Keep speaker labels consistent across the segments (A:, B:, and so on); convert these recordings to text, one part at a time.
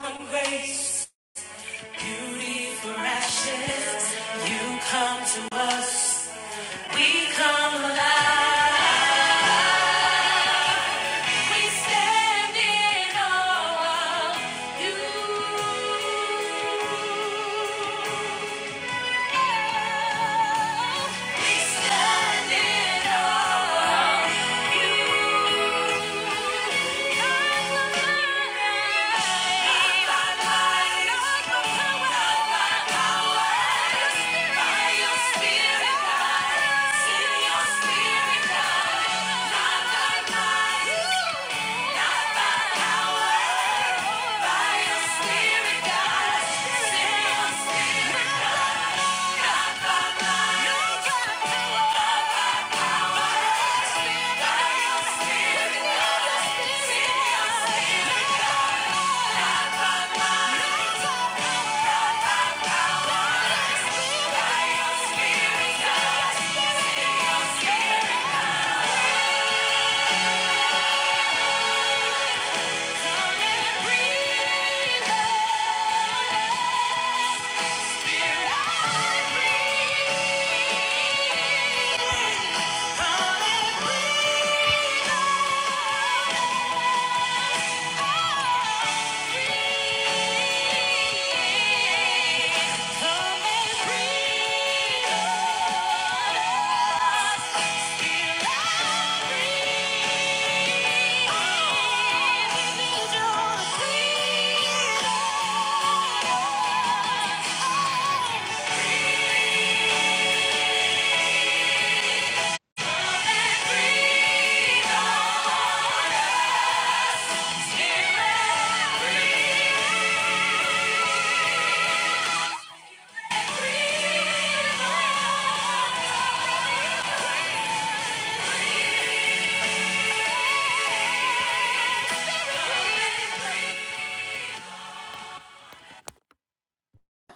A: grace, beauty for ashes. You come to us, we come alive. We stand in awe of you. We stand in awe of you. light up the power by your spirit. Come and breathe.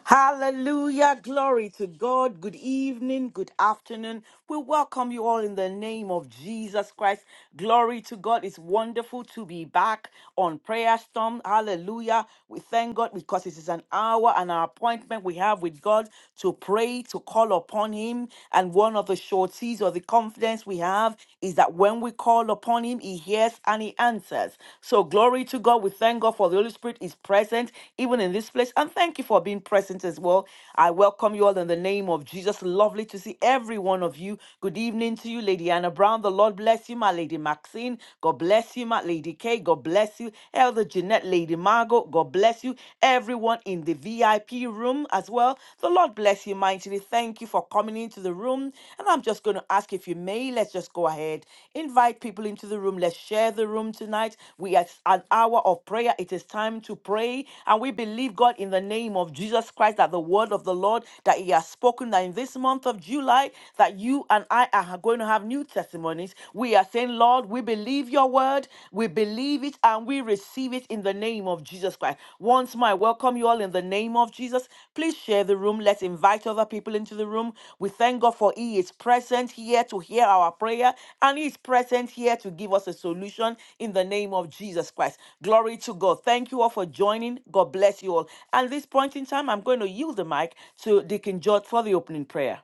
B: Hallelujah. Glory to God. Good evening. Good afternoon. We welcome you all in the name of Jesus Christ. Glory to God. It's wonderful to be back on Prayer Storm. Hallelujah. We thank God because it is an hour and an appointment we have with God to pray, to call upon Him. And one of the sureties or the confidence we have is that when we call upon Him, He he hears and he answers. So, glory to God. We thank God for the Holy Spirit is present even in this place. And thank you for being present as well. I welcome you all in the name of Jesus. Lovely to see every one of you. Good evening to you, Lady Anna Brown. The Lord bless you, my Lady Maxine. God bless you, my Lady Kay. God bless you, Elder Jeanette, Lady Margot. God bless you, everyone in the VIP room as well. The Lord bless bless you mightily. Thank you for coming into the room. And I'm just going to ask if you may, let's just go ahead. Invite people into the room. Let's share the room tonight. We are an hour of prayer. It is time to pray. And we believe, God, in the name of Jesus Christ, that the word of the Lord that He has spoken, that in this month of July, that you and I are going to have new testimonies. We are saying, Lord, we believe your word. We believe believe it and we receive it in the name of Jesus Christ. Once more, I welcome you all in the name of Jesus. Please share the room. Let's invite other people into the room. We thank God for He is present here to hear our prayer and He is present here to give us a solution in the name of Jesus Christ. Glory to God. Thank you all for joining. God bless you all. At this point in time, I'm going to yield the mic to Deacon George for the opening prayer.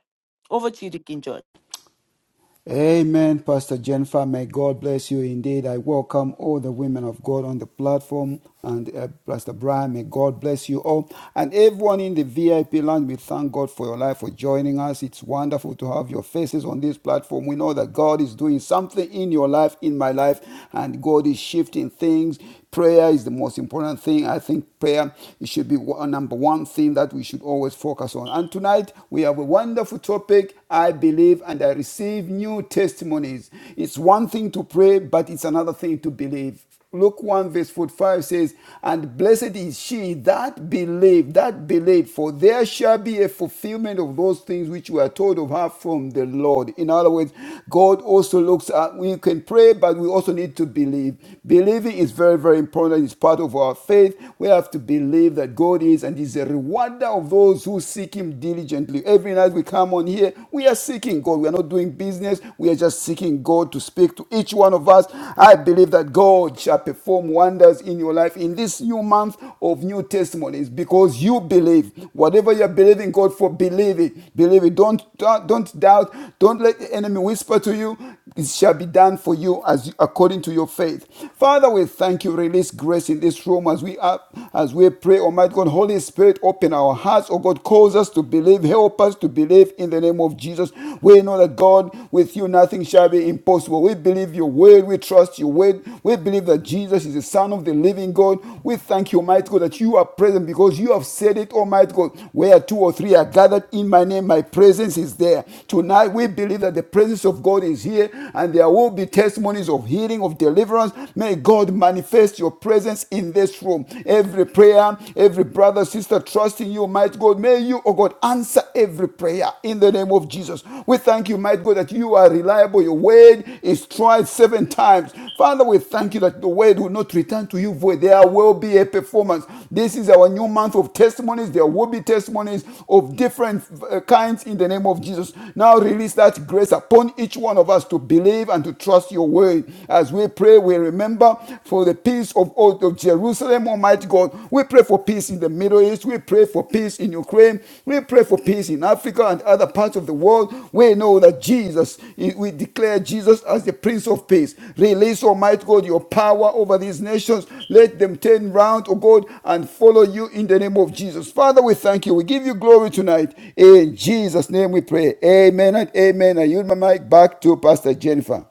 B: Over to you, Deacon George.
C: Amen, Pastor Jennifer. May God bless you indeed. I welcome all the women of God on the platform. And uh, Pastor Brian, may God bless you all. And everyone in the VIP land, we thank God for your life, for joining us. It's wonderful to have your faces on this platform. We know that God is doing something in your life, in my life, and God is shifting things. Prayer is the most important thing. I think prayer should be one, number one thing that we should always focus on. And tonight, we have a wonderful topic topic, I believe and I receive new testimonies. It's one thing to pray, but it's another thing to believe. Luke 1 verse 45 says, And blessed is she that believed, that believed, for there shall be a fulfillment of those things which were told of her from the Lord. In other words, God also looks at, we can pray, but we also need to believe. Believing is very, very important. It's part of our faith. We have to believe that God is and is a rewarder of those who seek Him diligently. Every night we come on here, we are seeking God. We are not doing business. We are just seeking God to speak to each one of us. I believe that God shall perform wonders in your life in this new month of new testimonies because you believe. Whatever you're believing God for, believe it. Believe it. Don't, don't doubt. Don't let the enemy whisper to you. It shall be done for you as according to your faith. Father, we thank you. Release grace in this room as we are, as we pray. Almighty God that God, Holy Spirit, open our hearts. Oh God, cause us to believe. Help us to believe in the name of Jesus. We know that God, with you, nothing shall be impossible. We believe your word. We trust your word. We believe that Jesus is the Son of the living God. We thank you, Almighty God, that you are present because you have said it, Almighty God. Where two or three are gathered in my name, my presence is there. Tonight, we believe that the presence of God is here and there will be testimonies of healing, of deliverance. May God manifest your presence in in this room. Every prayer, every brother, sister trusting you, might God, may you, oh God, answer every prayer in the name of Jesus. We thank you, might God, that you are reliable. Your word is tried seven times. Father, we thank you that the word will not return to you void. There will be a performance. This is our new month of testimonies. There will be testimonies of different uh, kinds in the name of Jesus. Now release that grace upon each one of us to believe and to trust your word. As we pray, we remember for the peace of, all of Jerusalem, Almighty God. We pray for peace in the Middle East. We pray for peace in Ukraine. We pray for peace in Africa and other parts of the world. We know that Jesus, we declare Jesus as the Prince of Peace. Release, Almighty God, your power over these nations. Let them turn round, O God, and follow you in the name of Jesus. Father, we thank you. We give you glory tonight. In Jesus' name we pray. Amen and amen. I yield my mic back to Pastor Jennifer.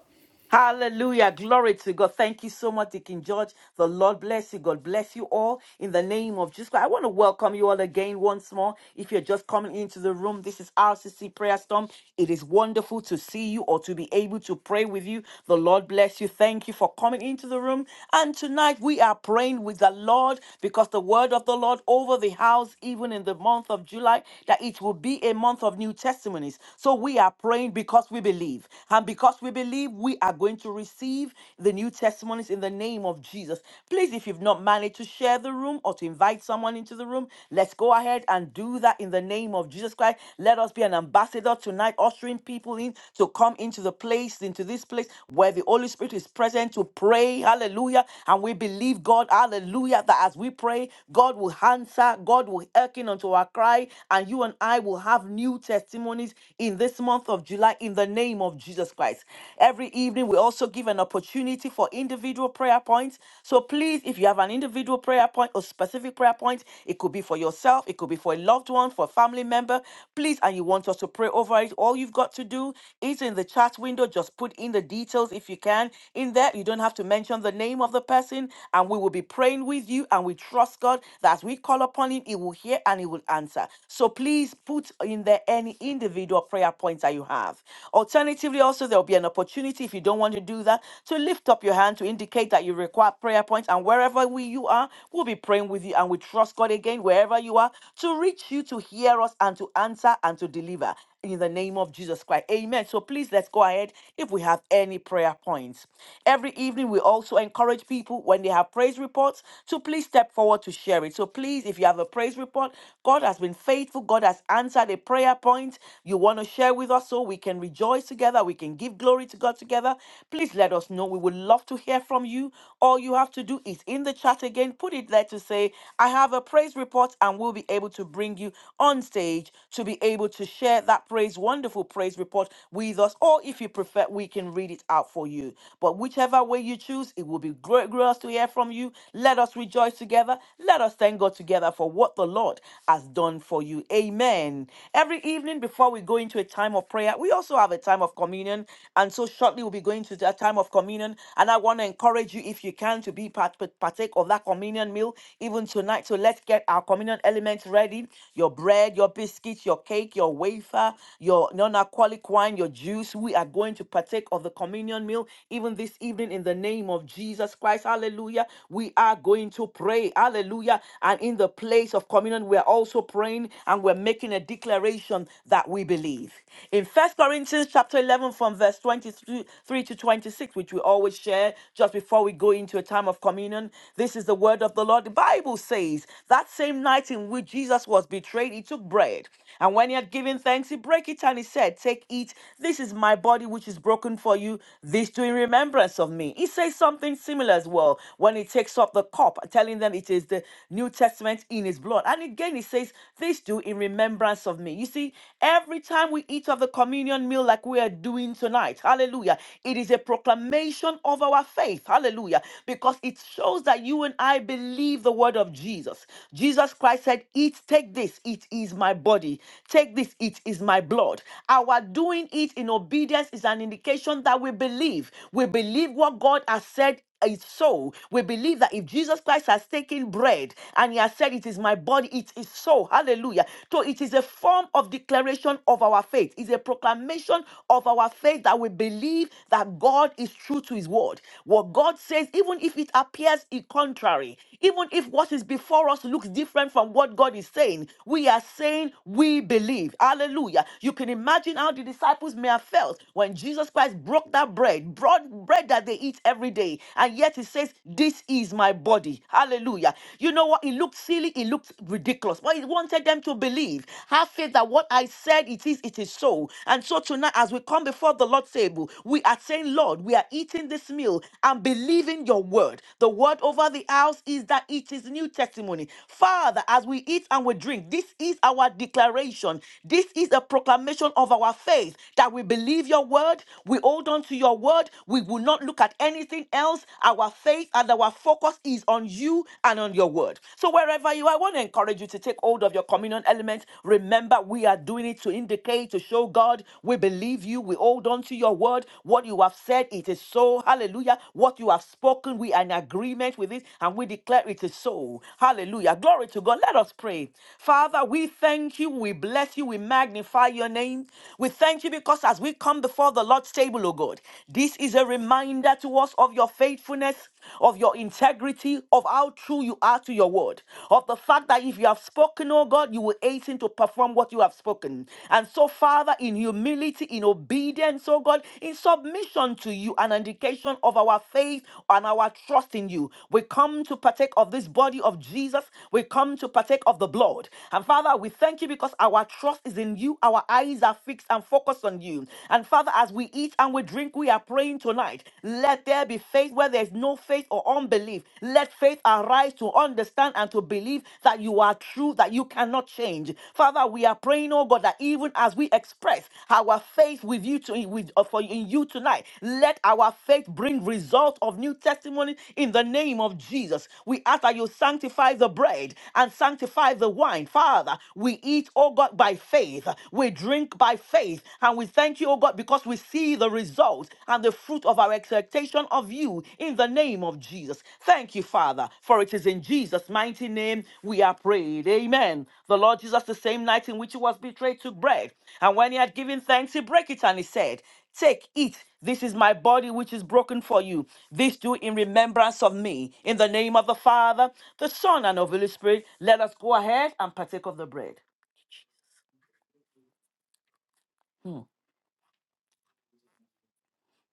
B: Hallelujah. Glory to God. Thank you so much, Deacon George. The Lord bless you. God bless you all in the name of Jesus Christ. I want to welcome you all again once more. If you're just coming into the room, this is RCC Prayer Storm. It is wonderful to see you or to be able to pray with you. The Lord bless you. Thank you for coming into the room. And tonight we are praying with the Lord because the word of the Lord over the house, even in the month of July, that it will be a month of new testimonies. So we are praying because we believe. And because we believe we are going to receive the new testimonies in the name of Jesus, please, if you've not managed to share the room or to invite someone into the room, let's go ahead and do that in the name of Jesus Christ. Let us be an ambassador tonight, ushering people in to come into the place, into this place where the Holy Spirit is present to pray. Hallelujah. And we believe God, hallelujah, that as we pray, God will answer, God will hearken unto our cry, and you and I will have new testimonies in this month month of July in the name of Jesus Christ. Every evening, we also give an opportunity for individual prayer points. So please, if you have an individual prayer point or specific prayer point, it could be for yourself, it could be for a loved one, for a family member, please, and you want us to pray over it, all you've got to do is in the chat window, just put in the details if you can. In there, you don't have to mention the name of the person, and we will be praying with you, and we trust God that as we call upon Him, He will hear and He will answer. So please put in there any any individual prayer points that you have. Alternatively, also, there will be an opportunity if you don't want to do that to lift up your hand to indicate that you require prayer points. And wherever we, you are, we'll be praying with you and we trust God again, wherever you are, to reach you, to hear us, and to answer and to deliver in the name of Jesus Christ. Amen. So please let's go ahead if we have any prayer points. Every evening, we also encourage people when they have praise reports to please step forward to share it. So please, if you have a praise report, God has been faithful. God has answered a prayer point you want to share with us so we can rejoice together, we can give glory to God together, please let us know. We would love to hear from you. All you have to do is in the chat again, put it there to say, I have a praise report, and we'll be able to bring you on stage to be able to share that praise, wonderful praise report with us. Or if you prefer, we can read it out for you. But whichever way you choose, it will be great, great us to hear from you. Let us rejoice together. Let us thank God together for what the Lord. God has done for you. Amen. Every evening before we go into a time of prayer, we also have a time of communion. And so shortly we'll be going to that time of communion. And I want to encourage you, if you can, to be part partake of that communion meal even tonight. So let's get our communion elements ready. Your bread, your biscuits, your cake, your wafer, your non-alcoholic wine, your juice. We are going to partake of the communion meal even this evening in the name of Jesus Christ. Hallelujah. We are going to pray. Hallelujah. And in the place of communion, we're also praying and we're making a declaration that we believe. In First Corinthians chapter 11, from verse 23 to 26, which we always share just before we go into a time of communion, this is the word of the Lord. The Bible says that same night in which Jesus was betrayed, he took bread. And when he had given thanks, he broke it and he said, Take, eat. This is my body, which is broken for you. This do in remembrance of me. He says something similar as well when he takes up the cup cup, telling them it is the New Testament in his blood. And again, He says, This do in remembrance of me. You see, every time we eat of the communion meal like we are doing tonight, hallelujah, it is a proclamation of our faith, hallelujah, because it shows that you and I believe the word of Jesus. Jesus Christ said, Eat, take this, it is my body. Take this, it is my blood. Our doing it in obedience is an indication that we believe. We believe what God has said is so, we believe that if Jesus Christ has taken bread and he has said, It is my body, it is so. Hallelujah. So it is a form of declaration of our faith, it's a proclamation of our faith that we believe that God is true to his word. What God says, even if it appears in contrary, even if what is before us looks different from what God is saying, we are saying we believe. Hallelujah. You can imagine how the disciples may have felt when Jesus Christ broke that bread, brought bread bread that they eat every day. And yet it says, This is my body. Hallelujah. You know what? It looked silly, it looked ridiculous. But it wanted them to believe. Have faith that what I said it is, it is so. And so tonight, as we come before the Lord's table, we are saying, Lord, we are eating this meal and believing your word. The word over the house is that it is new testimony. Father, as we eat and we drink, this is our declaration. This is a proclamation of our faith that we believe your word. We hold on hold on to your word. We will not look at anything else. Our faith and our focus is on you and on your word. So, wherever you are, I want to encourage you to take hold of your communion element. Remember, we are doing it to indicate, to show God we believe you. We hold on to your word. What you have said, it is so. Hallelujah. What you have spoken, we are in agreement with it and we declare it is so. Hallelujah. Glory to God. Let us pray. Father, we thank you. We bless you. We magnify your name. We thank you because as we come come before the Lord's table, O God. This is a reminder to us of your faithfulness, of your integrity, of how true you are to your word, of the fact that if you have spoken, O God, you will hasten to perform what you have spoken. And so, Father, in humility, in obedience, O God, in submission to you, an indication of our faith and our trust in you. We come to partake of this body of Jesus. We come to partake of the blood. And Father, we thank you because our trust is in you. Our eyes are fixed fixed and focused on you. And Father, as we eat and we drink, we are praying tonight. Let there be faith where there is no faith or unbelief. Let faith arise to understand and to believe that you are true, that you cannot change. Father, we are praying, oh God, that even as we express our faith with you to with uh, for in you tonight, let our faith bring result of new testimony in the name of Jesus. We ask that you sanctify the bread and sanctify the wine. Father, we eat, oh God, by faith faith. We drink by faith. And we thank you, oh God, because we see the results and the fruit of our expectation of you in the name of Jesus. Thank you, Father, for it is in Jesus' mighty name we are prayed. Amen. The Lord Jesus, the same night in which he was betrayed, took bread. And when he had given thanks, he broke it and he said, Take, eat. This is my body which is broken for you. This do in remembrance of me. In the name of the Father, the Son, and of the Holy Spirit, let us go ahead and partake of the bread.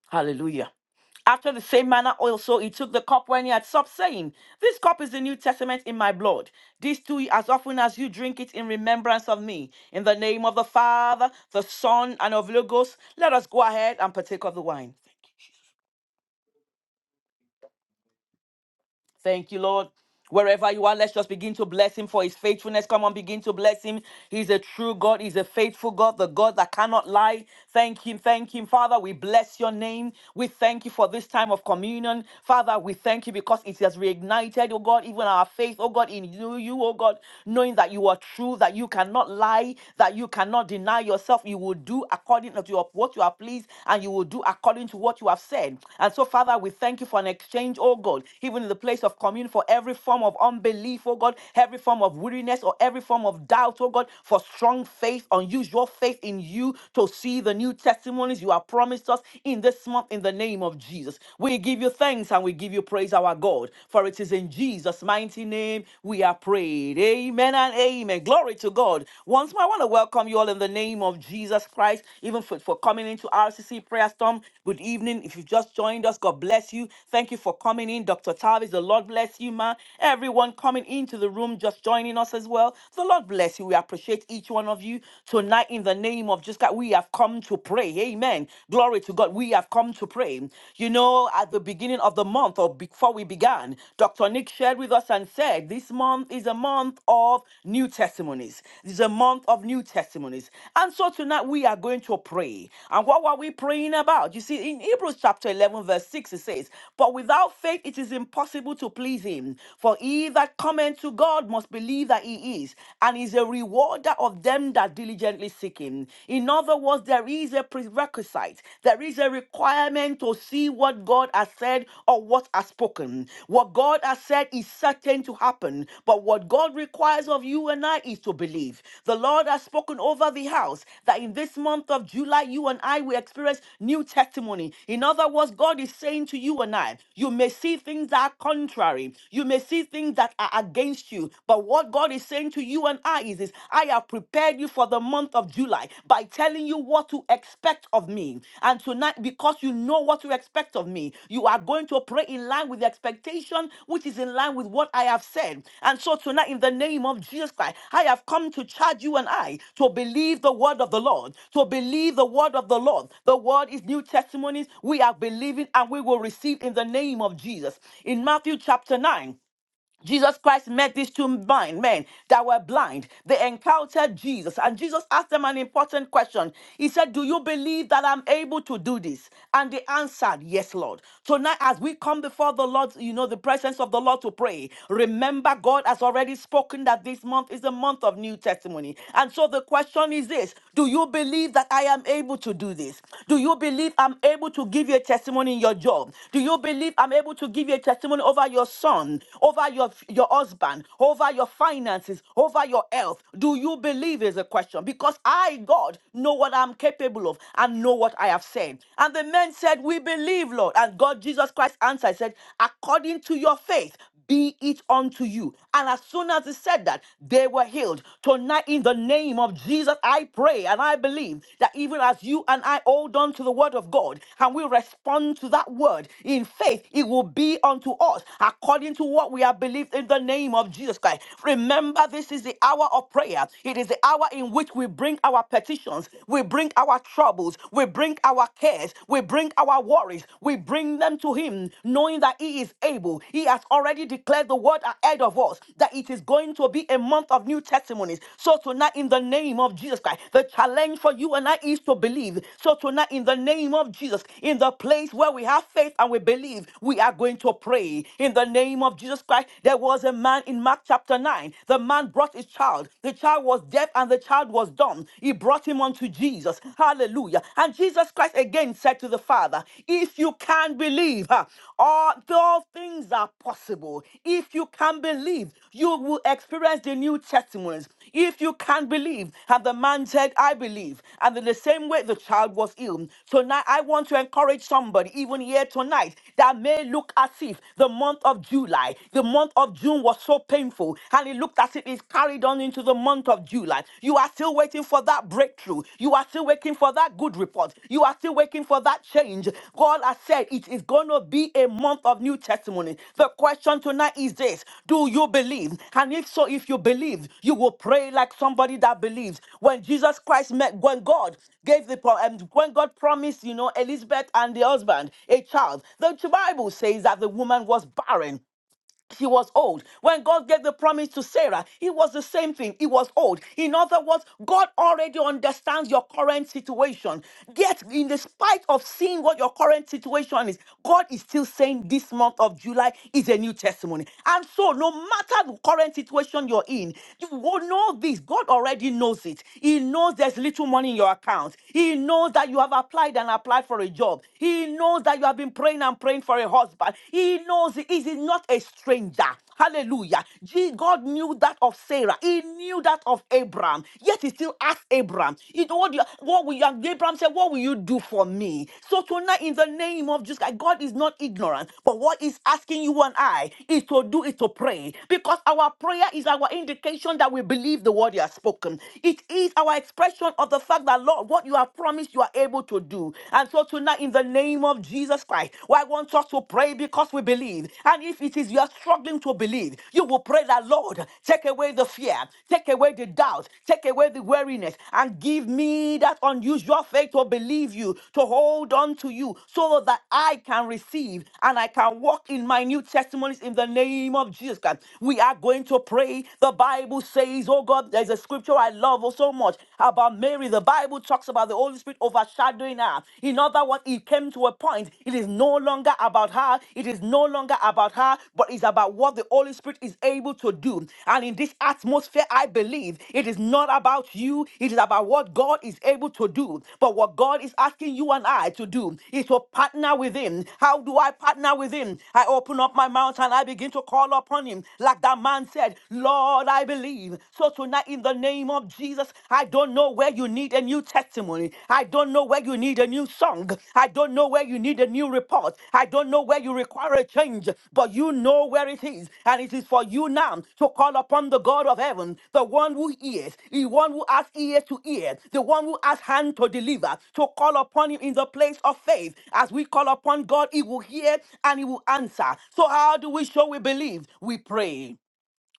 B: Hallelujah. After the same manner also he took the cup when he had supped, saying, This cup is the New Testament in my blood. This do ye as often as you drink it in remembrance of me. In the name of the Father, the Son, and of Logos, let us go ahead and partake of the wine. Thank you, Lord. Wherever you are, let's just begin to bless him for his faithfulness. Come on, begin to bless him. He's a true God. He's a faithful God, the God that cannot lie. Thank him. Thank him. Father, we bless your name. We thank you for this time of communion. Father, we thank you because it has reignited, oh God, even our faith, oh God, in you, you, oh God, knowing that you are true, that you cannot lie, that you cannot deny yourself. You will do according to your, what you are pleased, and you will will do according to what you have said. And so, Father, we thank you for an exchange, oh God, even in the place of communion, for every form of unbelief, oh God, every form of weariness or every form of doubt, oh God, for strong faith, unusual faith in you to see the new testimonies you have promised us in this month in the name of Jesus. We give you thanks and we give you praise, our God, for it is in Jesus' mighty name we are prayed. Amen and amen. Glory to God. Once more, I want to welcome you all in the name of Jesus Christ, even for, for coming into RCC Prayer Storm. Good evening. If you've just joined us, God bless you. Thank you for coming in, Dr. Tavis. The Lord bless you, ma. Everyone coming into the room, just joining us as well. The Lord bless you. We appreciate each one of you. Tonight, in the name of Jesus Christ, we have come to pray. Amen. Glory to God. We have come to pray. You know, at the beginning of the month or before we began, Dr. Dr. Nick shared with us and said, this month is a month of new testimonies. This is a month of new testimonies. And so tonight we are going to pray. And what were we praying about? You see, in Hebrews chapter 11, verse 6, it says, But without faith it is impossible to please him. For he that cometh to God must believe that he is, and is a rewarder of them that diligently seek him. In other words, there is a prerequisite, there is a a requirement to see what God has said or what has spoken. What God has said is certain to happen, but what God requires of you and I is to believe. The Lord has spoken over the house that in this month of July, you and I will experience new testimony. In other words, God is saying to you and I, you may see things that are contrary, you may see things that are against you, but what God is saying to you and I is this I have prepared prepared you for the month of July by telling you what to expect of me. And tonight, because you know what to expect of me, you are going to pray in line with the expectation, which is in line with what I have said. And so tonight, in the name of Jesus Christ, I have come to charge you and I to believe the word of the Lord, to believe the word of the Lord. The word is new testimonies. We are believing and we will receive in the name of Jesus. In Matthew chapter 9. Jesus Christ met these two blind men that were blind. They encountered Jesus, and Jesus asked them an important question. He said, Do you believe that I'm able to do this? And they answered, Yes, Lord. Tonight, as we come before the Lord, you know, the presence of the Lord to pray, remember God has already spoken that this month is a month of new testimony. And so the question is this Do you believe that I am able to do this? Do you believe I'm able to give you a testimony in your job? Do you believe I'm able to give you a testimony over your son? Over over your, your husband, over your finances, over your health? Do you believe is a question? Because I, God, know what I'm capable of and know what I have said. And the men said, We believe, Lord. And God, Jesus Christ answered, said, According to your faith, be it unto you. And as soon as he said that, they were healed. Tonight, in the name of Jesus, I pray and I believe that even as you and I hold on to the word of God and we respond to that word in faith, it will be unto us according to what we we have believed in the name of Jesus Christ. Remember, this is the hour of prayer. It is the hour in which we bring our petitions, we bring our troubles, we bring our cares, we bring our worries, we bring them to Him, knowing that He is able. He has already declared the word ahead of us that it is going to be a month of new testimonies. So, tonight, in the name of Jesus Christ, the challenge for you and I is to believe. So, tonight, in the name of Jesus, in the place where we have faith and we believe, we are going to pray in the name of Jesus. Jesus Christ, there was a man in Mark chapter 9. The man brought his child. The child was deaf and the child was dumb. He brought him unto Jesus. Hallelujah. And Jesus Christ again said to the Father, If you can believe, huh, all, all things are possible. If you can believe, you will experience the new testimonies. If you can believe, and the man said, I believe, and in the same way the child was healed. So now I want to encourage somebody, even here tonight, that may look as if the month of July, the month of June was so painful, and it looked as if it's carried on into the month of July. You are still waiting for that breakthrough. You are still waiting for that good report. You are still still waiting for that change. God has said it is going to be a month of new testimony. The question tonight is this Do you believe? And if so, if you believe, you will pray like somebody that believes. When Jesus Christ met, when God gave the pro- um, when God promised, you know, Elizabeth and the husband a child, the Bible says that the woman was barren she was old. When God gave the promise to Sarah, it was the same thing. It was old. In other words, God already understands your current situation. Yet, in the spite of seeing what your current situation is, God is still saying this month of July is a new testimony. And so, no matter the current situation you're in, you will know this. God already knows it. He knows there's little money in your account. He knows that you have applied and applied for a job. He knows that you have been praying and praying for a husband. He knows he is not a stranger. Hallelujah. Je- God knew that of Sarah. He knew that of Abraham. Yet he still asked Abraham, you know what, you, what will you, and Abraham said, what will you do for me? So tonight in the name of Jesus, Christ, God is not ignorant, but what he's asking you and I is to do it to pray because our prayer is our indication that we believe the word you have spoken. It is our expression of the fact that Lord, what you have promised, you are able to do. And so tonight, in the name of Jesus Christ, I want us to pray because we believe. And if it is you are struggling to believe, you will pray that, Lord, take away the fear, take away the doubt, take away the weariness, and give me that unusual faith to believe you, to hold on to you, so that I can receive and I can walk in my new testimonies in the name of Jesus Christ. We are going to pray. The Bible says, Oh God, there's a scripture I love oh so much about Mary the the Bible talks about the Holy Spirit overshadowing her. In other words, it came to a point. It is no longer about her. It is no longer about her, but it's about what the Holy Spirit is able to do. And in this atmosphere, I believe it is not about you. It is about what God is able to do. But what God is asking you and I to do is to partner with Him. How do I partner with Him? I open up my mouth and I begin to call upon Him. Like that man said, Lord, I believe. So tonight, Father, in the name of Jesus, I don't know where you need a new testimony. I don't know where you need a new song. I don't know where you need a new report. I don't know where you require a change, but you know where it is. And it is for you now to call upon the God of heaven, the one who hears, the one who has ear to ear, the one who has hand to deliver, to call upon him in the place of faith. As we call upon God, he will hear and he will answer. So, how do we show we believe? We pray.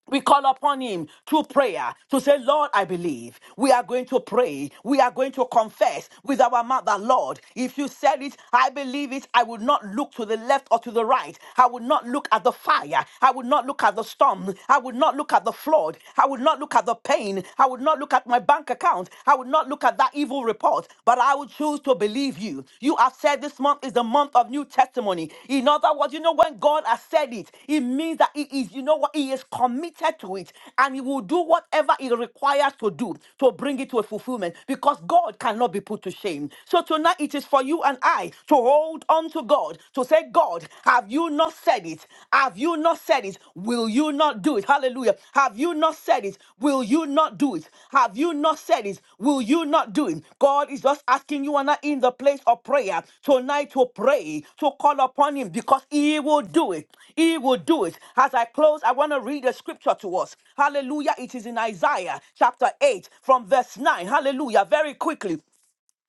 B: We call upon him through prayer to say, Lord, I believe. We are going to pray. We are going to confess with our mouth that, Lord, if you said it, I believe it. I will not look to the left or to the right. I will not look at the fire. I will not look at the storm. I will not look at the flood. I will not look at the pain. I will not look at my bank account. I will not look at that evil report, but I will choose to refuse to believe you. You have said this month is the month of new testimony. In other words, you know, when God has said it, it means that He is, you know what, He is committed to it and He will do whatever He requires to do to bring it to a fulfillment because God cannot be put to shame. So tonight it is for you and I to hold on to God, to say, God, have you not said it? Have you not said it? Will you not do it? Hallelujah. Have you not said it? Will you not do it? Have you not said it? Will you not do it? God is just asking you and I in the place of prayer tonight to pray, to call upon Him because He will do it. He will do it. As I close, I want to read a scripture to us. Hallelujah. It is in Isaiah chapter 8 from verse 9. Hallelujah. Very quickly.